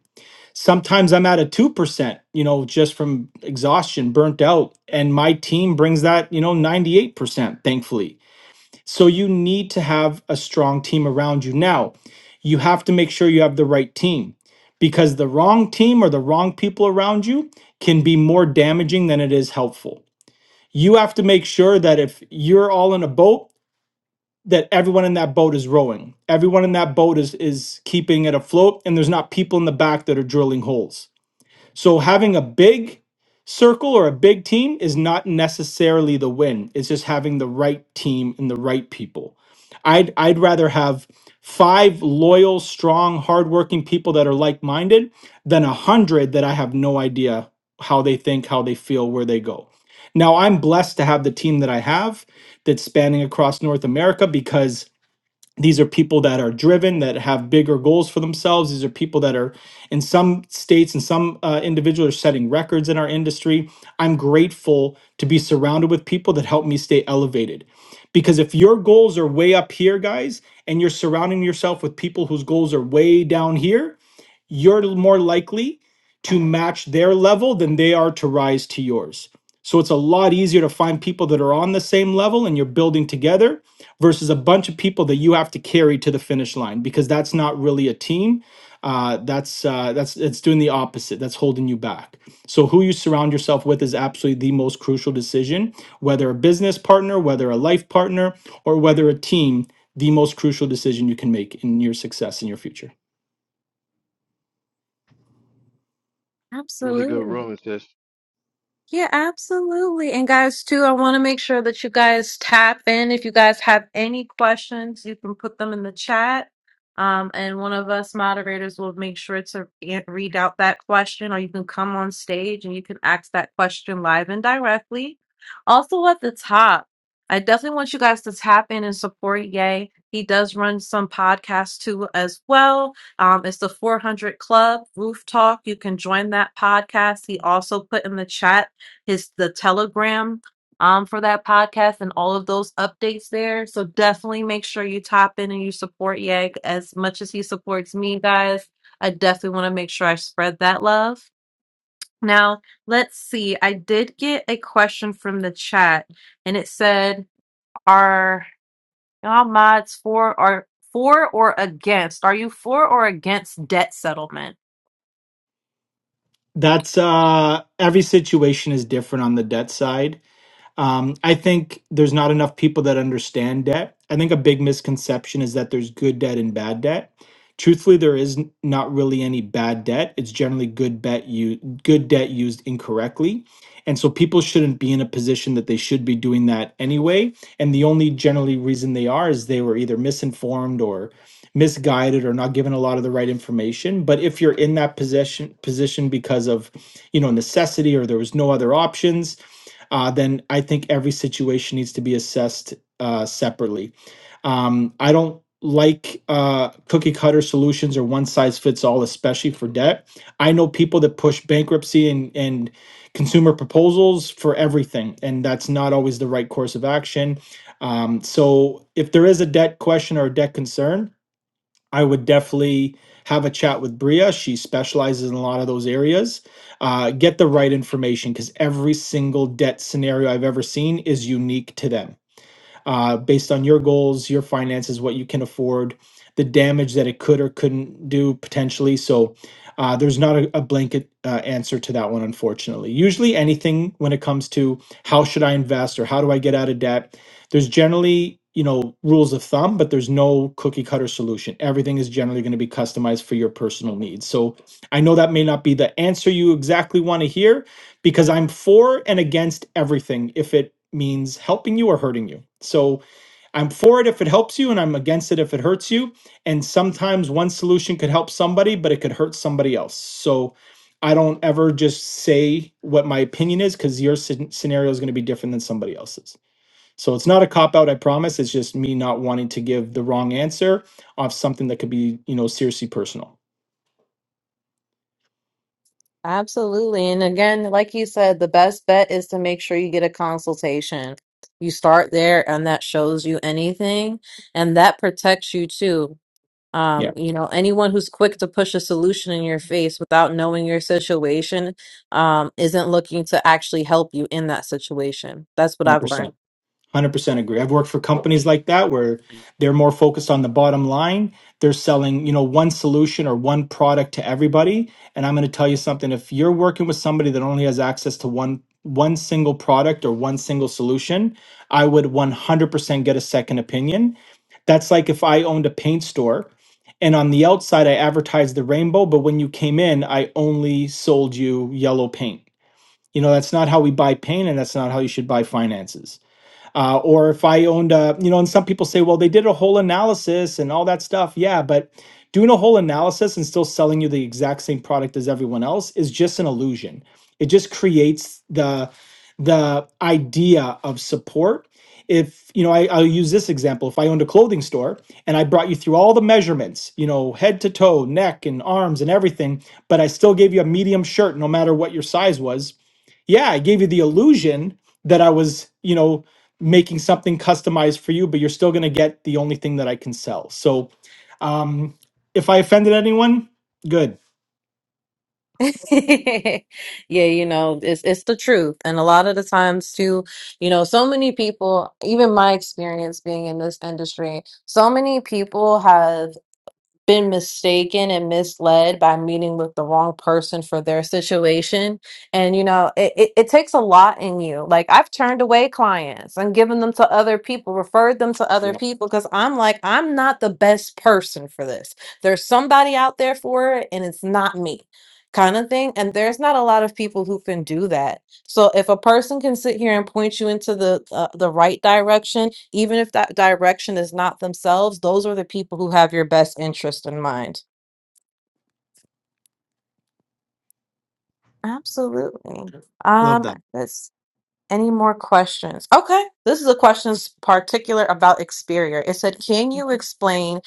S5: Sometimes I'm at a 2%, you know, just from exhaustion, burnt out, and my team brings that, you know, 98%, thankfully so you need to have a strong team around you. Now, you have to make sure you have the right team because the wrong team or the wrong people around you can be more damaging than it is helpful. You have to make sure that if you're all in a boat, that everyone in that boat is rowing. Everyone in that boat is is keeping it afloat and there's not people in the back that are drilling holes so having a big circle or a big team is not necessarily the win. It's just having the right team and the right people. I'd I'd rather have five loyal, strong, hardworking people that are like-minded than a hundred that I have no idea how they think, how they feel, where they go. Now I'm blessed to have the team that I have that's spanning across North America because these are people that are driven that have bigger goals for themselves these are people that are in some states and some uh, individuals are setting records in our industry i'm grateful to be surrounded with people that help me stay elevated because if your goals are way up here guys and you're surrounding yourself with people whose goals are way down here you're more likely to match their level than they are to rise to yours. So it's a lot easier to find people that are on the same level and you're building together versus a bunch of people that you have to carry to the finish line because that's not really a team. Uh, that's uh, that's it's doing the opposite. That's holding you back. So who you surround yourself with is absolutely the most crucial decision, whether a business partner, whether a life partner, or whether a team. The most crucial decision you can make in your success in your future.
S3: Really good
S1: Absolutely.
S3: room, sis.
S1: Yeah, absolutely. And guys, too, I want to make sure that you guys tap in. If you guys have any questions, you can put them in the chat. Um, and one of us moderators will make sure to re- read out that question, or you can come on stage and you can ask that question live and directly. Also, at the top, I definitely want you guys to tap in and support Yay. He does run some podcasts too, as well. Um, it's the 400 Club Roof Talk. You can join that podcast. He also put in the chat his the telegram um for that podcast and all of those updates there. So definitely make sure you tap in and you support Yag as much as he supports me, guys. I definitely want to make sure I spread that love. Now, let's see. I did get a question from the chat and it said, Are y'all mods for or for or against? Are you for or against debt settlement?
S5: That's uh every situation is different on the debt side. Um, I think there's not enough people that understand debt. I think a big misconception is that there's good debt and bad debt. Truthfully, there is n- not really any bad debt. It's generally good bet you good debt used incorrectly. And so people shouldn't be in a position that they should be doing that anyway. And the only generally reason they are is they were either misinformed or misguided or not given a lot of the right information. But if you're in that position position because of, you know, necessity or there was no other options, uh, then I think every situation needs to be assessed uh, separately. Um, I don't like uh, cookie cutter solutions or one size fits all, especially for debt. I know people that push bankruptcy and and consumer proposals for everything, and that's not always the right course of action. Um, so if there is a debt question or a debt concern, I would definitely have a chat with Bria. She specializes in a lot of those areas. Uh, get the right information because every single debt scenario I've ever seen is unique to them uh, based on your goals, your finances, what you can afford, the damage that it could or couldn't do potentially. So uh, there's not a, a blanket uh, answer to that one, unfortunately. Usually, anything when it comes to how should I invest or how do I get out of debt, there's generally you know rules of thumb, but there's no cookie cutter solution. Everything is generally going to be customized for your personal needs. So I know that may not be the answer you exactly want to hear, because I'm for and against everything if it means helping you or hurting you. So I'm for it if it helps you, and I'm against it if it hurts you. And sometimes one solution could help somebody, but it could hurt somebody else. So I don't ever just say what my opinion is because your scen- scenario is going to be different than somebody else's. So it's not a cop out, I promise. It's just me not wanting to give the wrong answer off something that could be, you know, seriously personal.
S1: Absolutely. And again, like you said, the best bet is to make sure you get a consultation. You start there and that shows you anything and that protects you too. Um,
S5: Yeah,
S1: you know, anyone who's quick to push a solution in your face without knowing your situation, um, isn't looking to actually help you in that situation. That's what I've learned.
S5: 100% agree. I've worked for companies like that where they're more focused on the bottom line. They're selling, you know, one solution or one product to everybody. And I'm going to tell you something, if you're working with somebody that only has access to one one single product or one single solution, I would 100% get a second opinion. That's like if I owned a paint store and on the outside I advertised the rainbow, but when you came in, I only sold you yellow paint. You know, that's not how we buy paint and that's not how you should buy finances uh, or if I owned a, you know, and some people say, well, they did a whole analysis and all that stuff. Yeah, but doing a whole analysis and still selling you the exact same product as everyone else is just an illusion. It just creates the the idea of support. If you know, I, I'll use this example. If I owned a clothing store and I brought you through all the measurements, you know, head to toe, neck and arms and everything, but I still gave you a medium shirt, no matter what your size was. Yeah, I gave you the illusion that I was, you know, making something customized for you, but you're still going to get the only thing that I can sell. So, um, if I offended anyone, good.
S1: yeah, you know, it's it's the truth. And a lot of the times too, you know, so many people, even my experience being in this industry, so many people have been mistaken and misled by meeting with the wrong person for their situation. And, you know, it, it, it takes a lot in you. Like, I've turned away clients and given them to other people, referred them to other
S5: Yeah.
S1: people, because I'm like, I'm not the best person for this. There's somebody out there for it, and it's not me, kind of thing. And there's not a lot of people who can do that so if a person can sit here and point you into the uh, the right direction, even if that direction is not themselves, those are the people who have your best interest in mind. Absolutely.
S5: Love
S1: Um,
S5: that.
S1: let's any more questions? Okay, this is a questions particular about Experior. It said, "Can you explain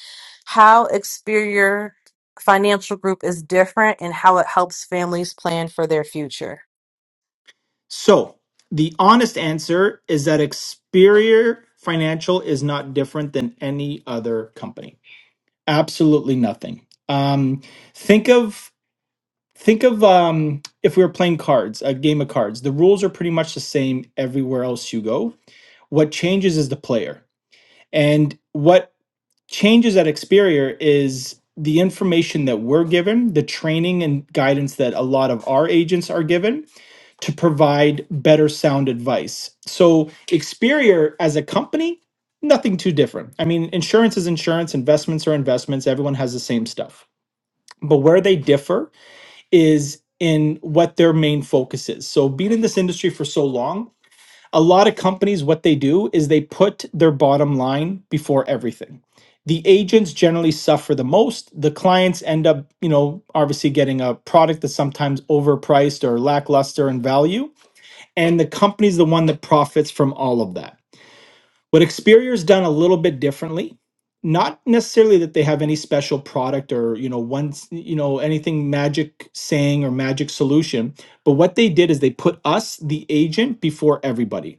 S1: how Experior Financial Group is different and how it helps families plan for their future?"
S5: So, the honest answer is that Experior Financial is not different than any other company. Absolutely nothing. Um, think of think of um, if we were playing cards, a game of cards. The rules are pretty much the same everywhere else you go. What changes is the player. And what changes at Experior is the information that we're given, the training and guidance that a lot of our agents are given to provide better sound advice. So, Experior as a company, nothing too different. I mean, insurance is insurance, investments are investments, everyone has the same stuff. But where they differ is in what their main focus is. So, being in this industry for so long, a lot of companies what they do is they put their bottom line before everything the agents generally suffer the most the clients end up you know obviously getting a product that's sometimes overpriced or lackluster in value and the company's the one that profits from all of that what experior's done a little bit differently not necessarily that they have any special product or you know once you know anything magic saying or magic solution but what they did is they put us the agent before everybody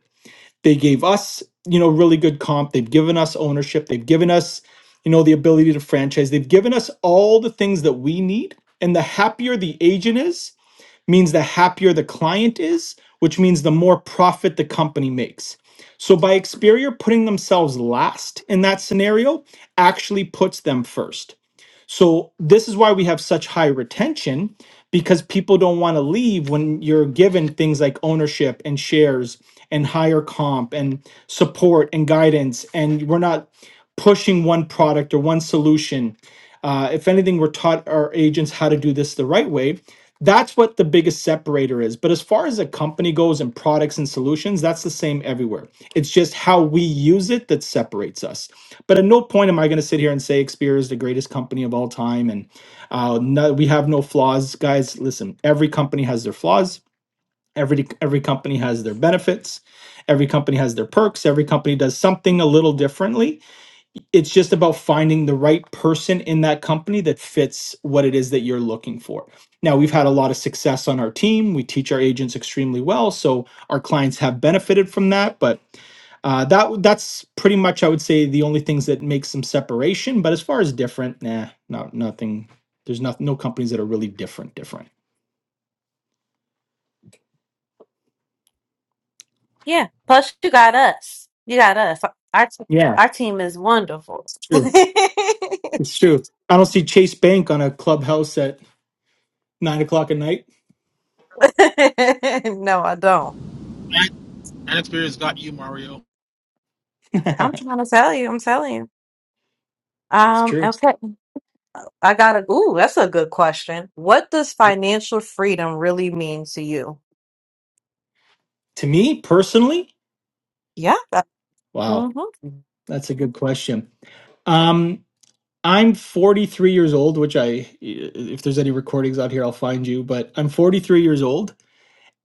S5: they gave us you know really good comp they've given us ownership they've given us you know the ability to franchise they've given us all the things that we need and the happier the agent is means the happier the client is which means the more profit the company makes so by Experior putting themselves last in that scenario actually puts them first so this is why we have such high retention because people don't want to leave when you're given things like ownership and shares and higher comp and support and guidance and we're not pushing one product or one solution. Uh, if anything, we're taught our agents how to do this the right way. That's what the biggest separator is. But as far as a company goes and products and solutions, that's the same everywhere. It's just how we use it that separates us. But at no point am I going to sit here and say Xperia is the greatest company of all time and uh, no, we have no flaws, guys. Listen, every company has their flaws. Every every company has their benefits. Every company has their perks. Every company does something a little differently it's just about finding the right person in that company that fits what it is that you're looking for. Now, we've had a lot of success on our team. We teach our agents extremely well, so our clients have benefited from that, but uh, that that's pretty much I would say the only things that make some separation, but as far as different, nah, not nothing. There's not no companies that are really different different.
S1: Yeah. Plus, you got us. You got us. Our t-
S5: Yeah,
S1: our team is wonderful.
S5: it's
S1: no,
S5: true. It's true. I don't see Chase Bank on a clubhouse at nine o'clock at night.
S1: I don't.
S6: An experience got you, Mario.
S1: I'm
S5: it's
S1: trying to tell you. I'm telling you. Um.
S5: true.
S1: Okay. I got to Ooh, that's a good question. What does financial freedom really mean to you?
S5: To me personally,
S1: Yeah.
S5: Wow,
S1: Mm-hmm.
S5: that's a good question. Um, I'm 43 years old, which I, if there's any recordings out here, I'll find you, but I'm 43 years old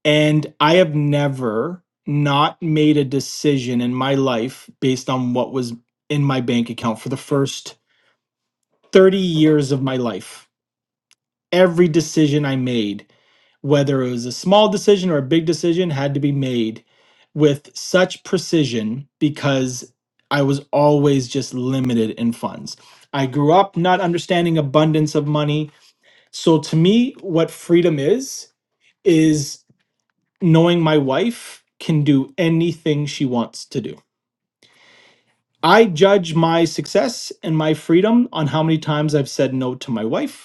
S5: and I have never not made a decision in my life based on what was in my bank account for the first 30 years of my life. every decision I made, whether it was a small decision or a big decision, had to be made with such precision because I was always just limited in funds. I grew up not understanding abundance of money. So to me, what freedom is, is knowing my wife can do anything she wants to do. I judge my success and my freedom on how many times I've said no to my wife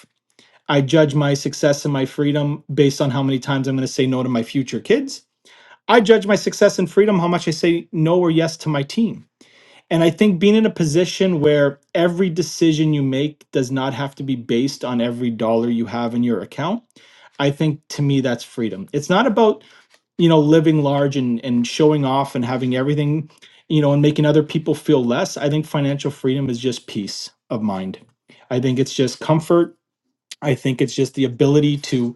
S5: I judge my success and my freedom based on how many times I'm going to say no to my future kids. I judge my success and freedom how much I say no or yes to my team. And I think being in a position where every decision you make does not have to be based on every dollar you have in your account, I think to me that's freedom. It's not about, you know, living large and, and showing off and having everything, you know, and making other people feel less. I think financial freedom is just peace of mind. I think it's just comfort. I think it's just the ability to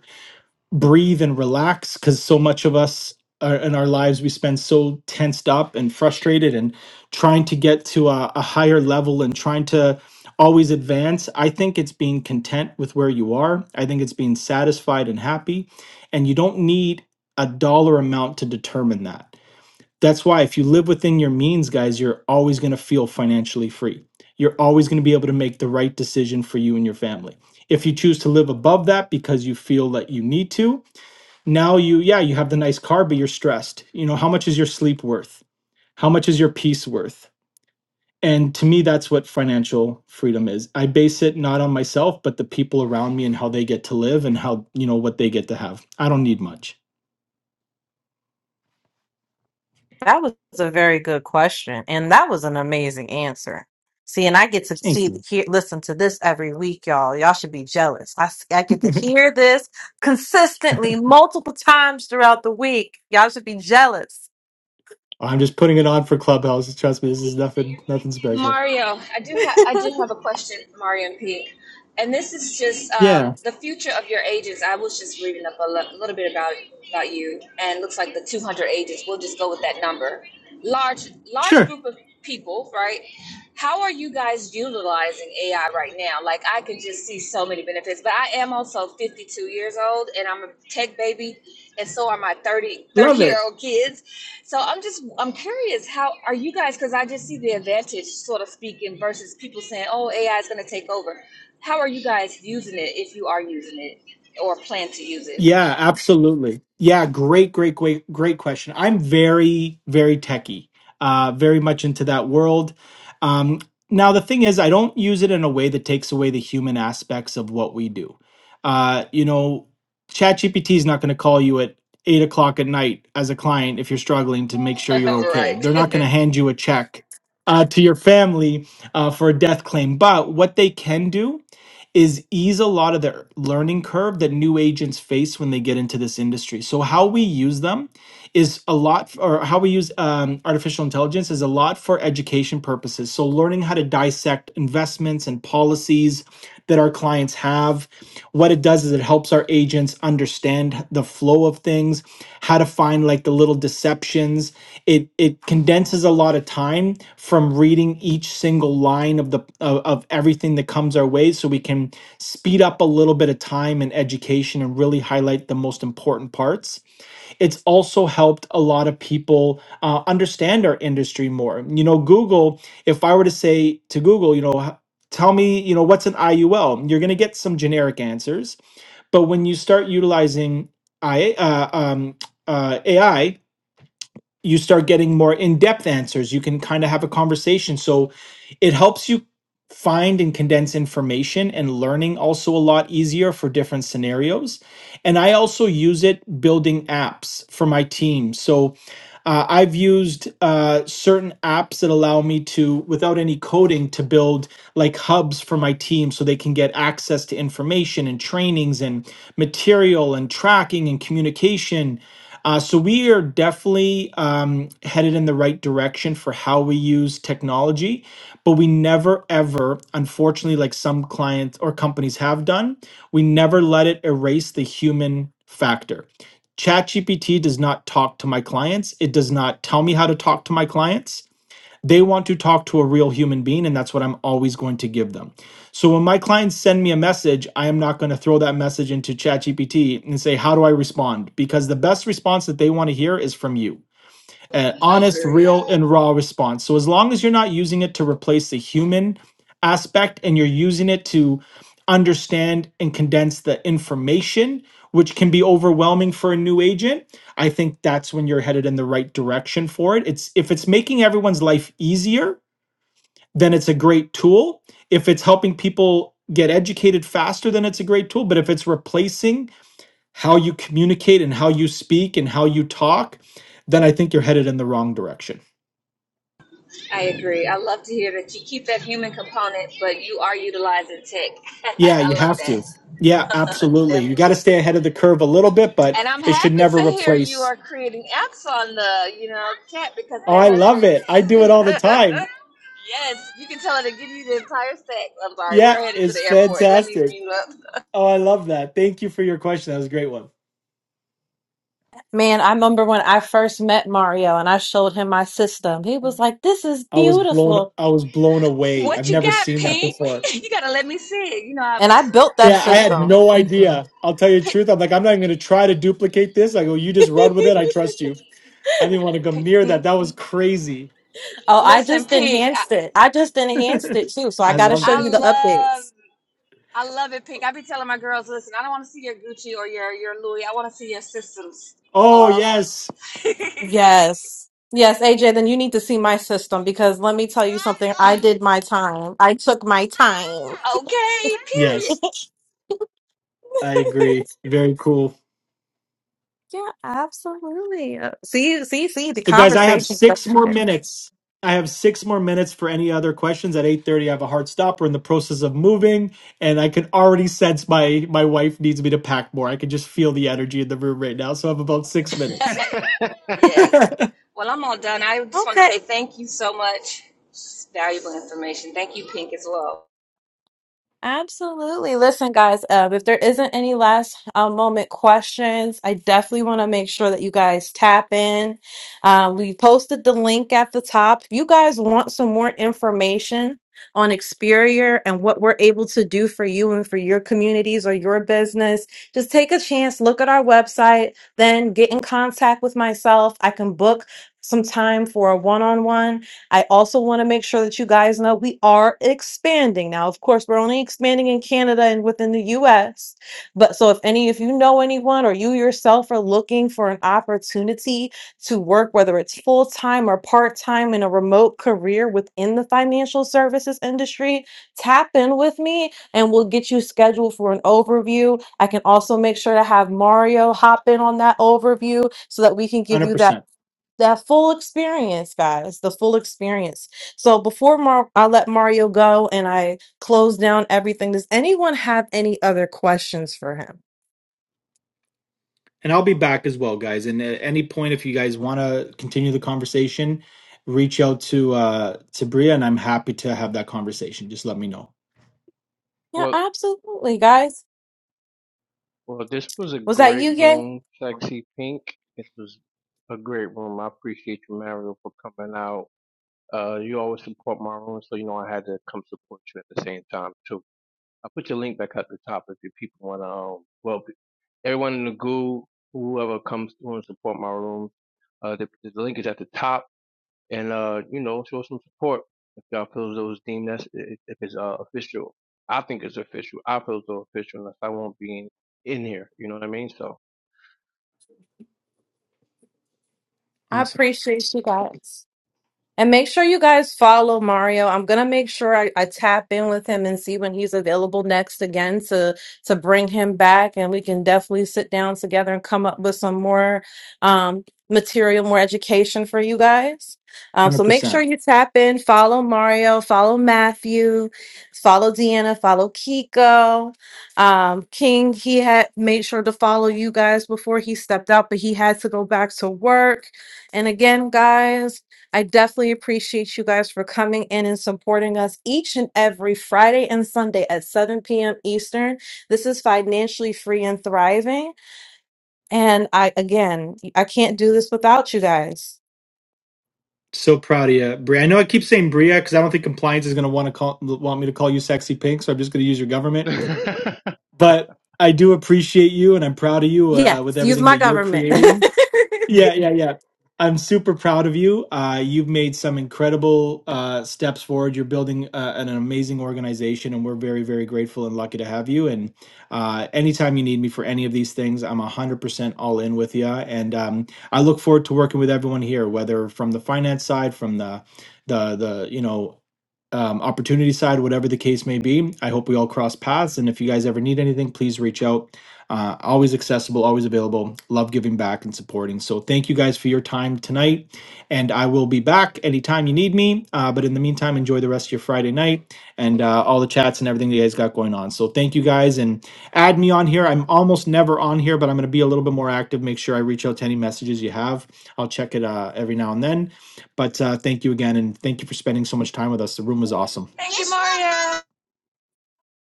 S5: breathe and relax because so much of us are, in our lives we spend so tensed up and frustrated and trying to get to a, a higher level and trying to always advance i think it's being content with where you are i think it's being satisfied and happy and you don't need a dollar amount to determine that that's why if you live within your means guys you're always going to feel financially free you're always going to be able to make the right decision for you and your family if you choose to live above that because you feel that you need to now you yeah you have the nice car but you're stressed you know how much is your sleep worth how much is your peace worth and to me that's what financial freedom is i base it not on myself but the people around me and how they get to live and how you know what they get to have i don't need much
S1: That was a very good question, and that was an amazing answer. See, and I get to
S5: thank
S1: see,
S5: you
S1: hear, listen to this every week, y'all. Y'all should be jealous. I, s- I get to hear this consistently, multiple times throughout the week. Y'all should be jealous.
S5: i'm just putting it on for clubhouse trust me this is nothing nothing special
S10: Mario, I do have I do have a question, Mario and Pete. And this is just um,
S5: yeah
S10: the future of your agents. I was just reading up a li- little bit about about you, and it looks like the 200 agents. We'll just go with that number. Large large
S5: sure
S10: group of people, right? How are you guys utilizing AI right now? Like I can just see so many benefits, but I am also 52 years old, and I'm a tech baby, and so are my 30 thirty
S5: love
S10: year
S5: it
S10: old kids. So I'm just I'm curious how are you guys because I just see the advantage sort of speaking versus people saying oh AI is going to take over. How are you guys using it if you are using it or plan to use it?
S5: Yeah, absolutely. Yeah, great, great, great, great question. I'm very, very techie, uh, very much into that world. Um, now, the thing is, I don't use it in a way that takes away the human aspects of what we do. Uh, you know, ChatGPT is not going to call you at eight o'clock at night as a client if you're struggling to make sure you're okay. They're not
S10: right.
S5: going to hand you a check uh, to your family uh, for a death claim. But what they can do is ease a lot of the learning curve that new agents face when they get into this industry. So how we use them is a lot or how we use um, artificial intelligence is a lot for education purposes so learning how to dissect investments and policies that our clients have what it does is it helps our agents understand the flow of things how to find like the little deceptions it it condenses a lot of time from reading each single line of the of, of everything that comes our way so we can speed up a little bit of time and education and really highlight the most important parts it's also helped a lot of people uh, understand our industry more. You know, Google, if I were to say to Google, you know, h- tell me, you know, what's an IUL, you're going to get some generic answers. But when you start utilizing I, uh, um, uh, AI, you start getting more in-depth answers you can kind of have a conversation so it helps you find and condense information and learning also a lot easier for different scenarios and i also use it building apps for my team so uh, i've used uh, certain apps that allow me to without any coding to build like hubs for my team so they can get access to information and trainings and material and tracking and communication uh, so we are definitely um, headed in the right direction for how we use technology, but we never ever, unfortunately, like some clients or companies have done, we never let it erase the human factor. ChatGPT does not talk to my clients. It does not tell me how to talk to my clients they want to talk to a real human being, and that's what I'm always going to give them. So when my clients send me a message, I am not going to throw that message into ChatGPT and say, How do I respond? Because the best response that they want to hear is from you an honest,
S10: agree.
S5: real, and raw response. So as long as you're not using it to replace the human aspect and you're using it to understand and condense the information, which can be overwhelming for a new agent, I think that's when you're headed in the right direction for it. It's if it's making everyone's life easier, then it's a great tool. If it's helping people get educated faster, then it's a great tool. But if it's replacing how you communicate and how you speak and how you talk, then I think you're headed in the wrong direction.
S10: I agree. I love to hear that you keep that human component but you are utilizing tech.
S5: Yeah, you
S10: I love
S5: have
S10: that.
S5: to. Yeah, absolutely.
S10: Definitely.
S5: You got to stay ahead of the curve a little bit, but
S10: And I'm
S5: it should
S10: happy
S5: never
S10: to hear you
S5: replace.
S10: are creating apps on the, you know, cat because
S5: Oh,
S10: that
S5: I
S10: has
S5: love it. I do it
S10: been.
S5: all the time.
S10: yes, you can tell her to give you the entire stack. I'm sorry,
S5: Yeah,
S10: we're headed to the
S5: it's
S10: airport. Let me
S5: fantastic.
S10: mute up.
S5: Oh, I love that. Thank you for your question. That was a great one.
S1: Man, I remember when I first met Mario and I showed him my system. He was like, "This is
S5: I was blown
S1: beautiful,"
S5: I was blown away.
S10: What
S5: I've
S10: you
S5: never
S10: got,
S5: seen that
S10: Pink?
S5: before.
S10: You gotta let me see it. You know, I,
S1: and I built that
S5: Yeah, I had
S1: system.
S5: no idea. I'll tell you the
S10: Pink,
S5: truth. I'm like, I'm not even gonna try to duplicate this. I go, you just run with it.
S1: oh,
S5: I trust you. I didn't want to go
S10: Pink,
S5: near that.
S10: mm,
S5: That was crazy.
S1: I
S10: listen,
S1: just
S10: Pink. I,
S1: enhanced it. I just enhanced it too. So I
S5: I
S1: got to
S5: loved
S1: show you
S5: it.
S1: the
S10: I love,
S1: updates.
S10: I love it, Pink. I be telling my girls, listen, I don't want to see your Gucci or your your Louis. I want to see your systems.
S5: Oh
S10: Hello.
S5: yes.
S10: okay.
S1: Yes. Yes, AJ, then you need to see my system because let me tell you something. I did my time. I took my time.
S10: Period.
S5: Yes. I agree. Very cool.
S1: Yeah, absolutely. Uh, See, see, see, the
S5: So, guys, I have
S1: conversation.
S5: six more minutes. I have six more minutes for any other questions. At eight thirty, I have a hard stop. We're in the process of moving, and I can already sense my my wife needs me to pack more. I can just feel the energy in the room right now. So, I have about six minutes.
S10: Yes. Well, I'm all done. I just want to
S1: Okay,
S10: say thank you so much. It's valuable information. Thank you, Pink, as well.
S1: Absolutely. Listen, guys, uh, if there isn't any last uh, moment questions, I definitely want to make sure that you guys tap in. Uh, we posted the link at the top. If you guys want some more information on Experior and what we're able to do for you and for your communities or your business, just take a chance, look at our website, then get in contact with myself. I can book some time for a one on one. I also want to make sure that you guys know we are expanding. Now, of course, we're only expanding in Canada and within the US. But so if any if you know anyone or you yourself are looking for an opportunity to work whether it's full-time or part-time in a remote career within the financial services industry, tap in with me and we'll get you scheduled for an overview. I can also make sure to have Mario hop in on that overview so that we can give
S5: 100%.
S1: you that that full experience, guys, the full experience. So before Mar- I let Mario go and I close down everything, does anyone have any other questions for him?
S5: and I'll be back as well, guys. And at any point, if you guys want to continue the conversation, reach out to uh, to Bria, and I'm happy to have that conversation. Just let me know.
S1: Yeah,
S3: well,
S1: absolutely, guys.
S3: Well, this was a
S1: Was that
S3: great
S1: you, Gay?
S3: room, Sexy Pink. This was a great room. I appreciate you, Mario, for coming out. Uh, you always support my room, so you know I had to come support you at the same time too. I put your link back at the top if you people want to. Um, well, everyone in the group, whoever comes through and support my room, uh, the, the link is at the top, and uh, you know, show some support if y'all feel as though it's deemed that's if it's uh official. I think it's official. I feel as though official unless I won't be in, in here. You know what I mean? So
S1: I
S5: Awesome,
S1: appreciate you guys. And make sure you guys follow Mario. I'm gonna make sure I, I tap in with him and see when he's available next again to to bring him back, and we can definitely sit down together and come up with some more um, material, more education for you guys. Um, so
S5: hundred
S1: make
S5: percent.
S1: sure you tap in, follow Mario, follow Matthew, follow Deanna, follow Kiko. Um, King, he had made sure to follow you guys before he stepped out, but he had to go back to work. And again, guys. I definitely appreciate you guys for coming in and supporting us each and every Friday and Sunday at 7 p.m. Eastern. This is financially free and thriving. And I, again, I can't do this without you guys.
S5: So proud of you, Bria. I know I keep saying Bria because I don't think compliance is going to want to call want me to call you sexy pink, so I'm just going to use your government.
S3: yeah.
S5: But I do appreciate you, and I'm proud of you
S1: Yes,
S5: uh, with
S1: use
S5: everything
S1: my
S5: that you're
S1: government.
S5: creating. Yeah, yeah, yeah. I'm super proud of you. Uh, you've made some incredible uh, steps forward. You're building uh, an, an amazing organization, and we're very, very grateful and lucky to have you. And uh, anytime you need me for any of these things, I'm 100% all in with you. And um, I look forward to working with everyone here, whether from the finance side, from the the the you know um, opportunity side, whatever the case may be. I hope we all cross paths. And if you guys ever need anything, please reach out. Uh, always accessible, always available. Love giving back and supporting. So thank you guys for your time tonight. And I will be back anytime you need me. Uh, but in the meantime, enjoy the rest of your Friday night and uh, all the chats and everything that you guys got going on. So thank you guys. And add me on here. I'm almost never on here, but I'm going to be a little bit more active. Make sure I reach out to any messages you have. I'll check it uh, every now and then but uh, thank you again, and thank you for spending so much time with us. The room was awesome.
S10: Thank you, Mario.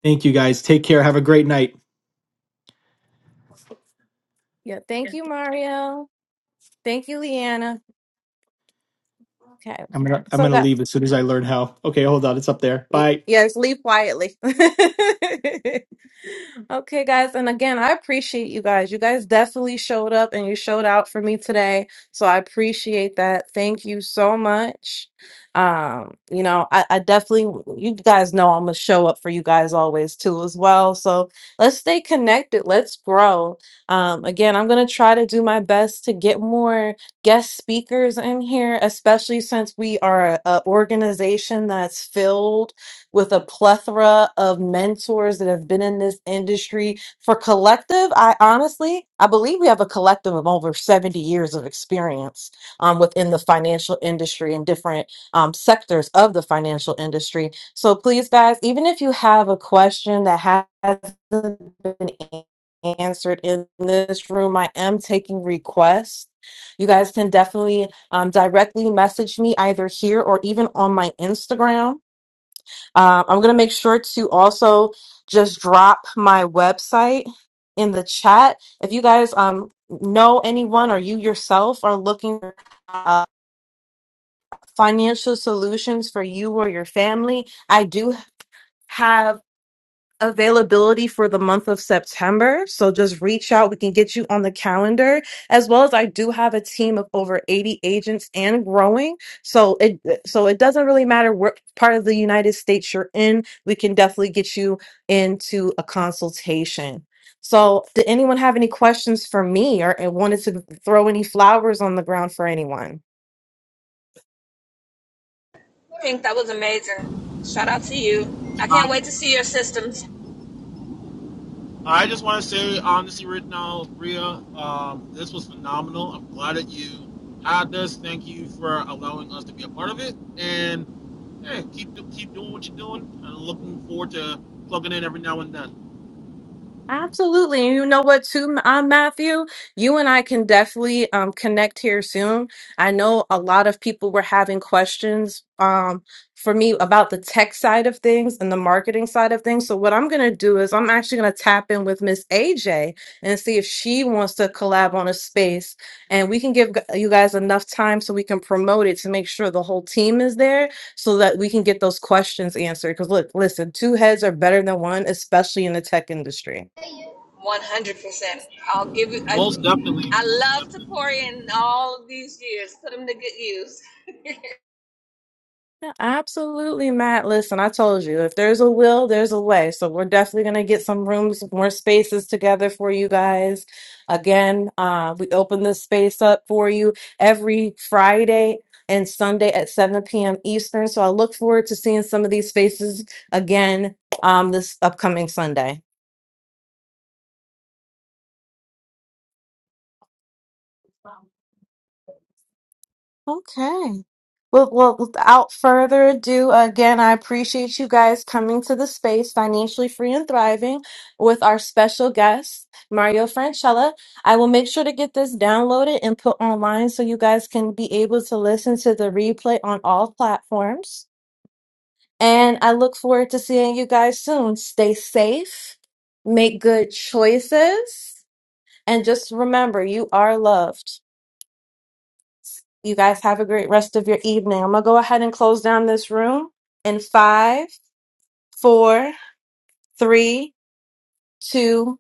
S5: Thank you guys. Take care. Have a great night.
S1: yeah, thank you, Mario. Thank you, Leanna. Okay.
S5: I'm gonna I'm
S1: So,
S5: gonna
S1: guys.
S5: leave as soon as I learn how. Okay, hold on. It's up there.
S1: Y-
S5: Bye.
S1: Yes, leave quietly. Okay, guys. And again, I appreciate you guys. You guys definitely showed up and you showed out for me today. So I appreciate that. Thank you so much. Um, you know, I, I definitely, you guys know I'm gonna show up for you guys always too as well. So let's stay connected. Let's grow. Um, again, I'm gonna try to do my best to get more guest speakers in here, especially since we are a, a organization that's filled with a plethora of mentors that have been in this industry for collective i honestly i believe we have a collective of over 70 years of experience um, within the financial industry and different um, sectors of the financial industry so please guys even if you have a question that hasn't been answered in this room i am taking requests you guys can definitely um, directly message me either here or even on my instagram um, I'm going to make sure to also just drop my website in the chat. If you guys um, know anyone or you yourself are looking for uh, financial solutions for you or your family, I do have availability for the month of September. So just reach out. We can get you on the calendar. As well as I do have a team of over 80 agents and growing. So it so it doesn't really matter what part of the United States you're in. We can definitely get you into a consultation. So did anyone have any questions for me or and wanted to throw any flowers on the ground for anyone?
S10: Pink, that was amazing. Shout out to you. I can't
S6: Um,
S10: wait to see your systems.
S6: I just want to say, honestly, right now, Ria, um, this was phenomenal. I'm glad that you had this. Thank you for allowing us to be a part of it, and hey, keep do- keep doing what you're doing. I'm looking forward to plugging in every now and then.
S1: Absolutely. And you know what, too, um, Matthew? You and I can definitely um, connect here soon. I know a lot of people were having questions um, for me about the tech side of things and the marketing side of things. So, what I'm going to do is I'm actually going to tap in with Miss AJ and see if she wants to collab on a space. And we can give g- you guys enough time so we can promote it to make sure the whole team is there so that we can get those questions answered. Because, look, listen, two heads are better than one, especially in the tech industry.
S10: 100%. I'll give you, I've,
S6: Most definitely, most
S10: I love to
S6: definitely.
S10: pour in all of these years, put them to good use.
S1: Yeah, Absolutely, Matt. Listen, I told you, if there's a will, there's a way. So we're definitely going to get some rooms, more spaces together for you guys. Again, uh, we open this space up for you every Friday and Sunday at 7 p.m. Eastern. So I look forward to seeing some of these spaces again um, this upcoming Sunday. Okay. Well, well, without further ado, again, I appreciate you guys coming to the space, Financially Free and Thriving, with our special guest, Mario Franchella. I will make sure to get this downloaded and put online so you guys can be able to listen to the replay on all platforms. And I look forward to seeing you guys soon. Stay safe, make good choices, and just remember you are loved. You guys have a great rest of your evening. I'm going to go ahead and close down this room in five, four, three, two,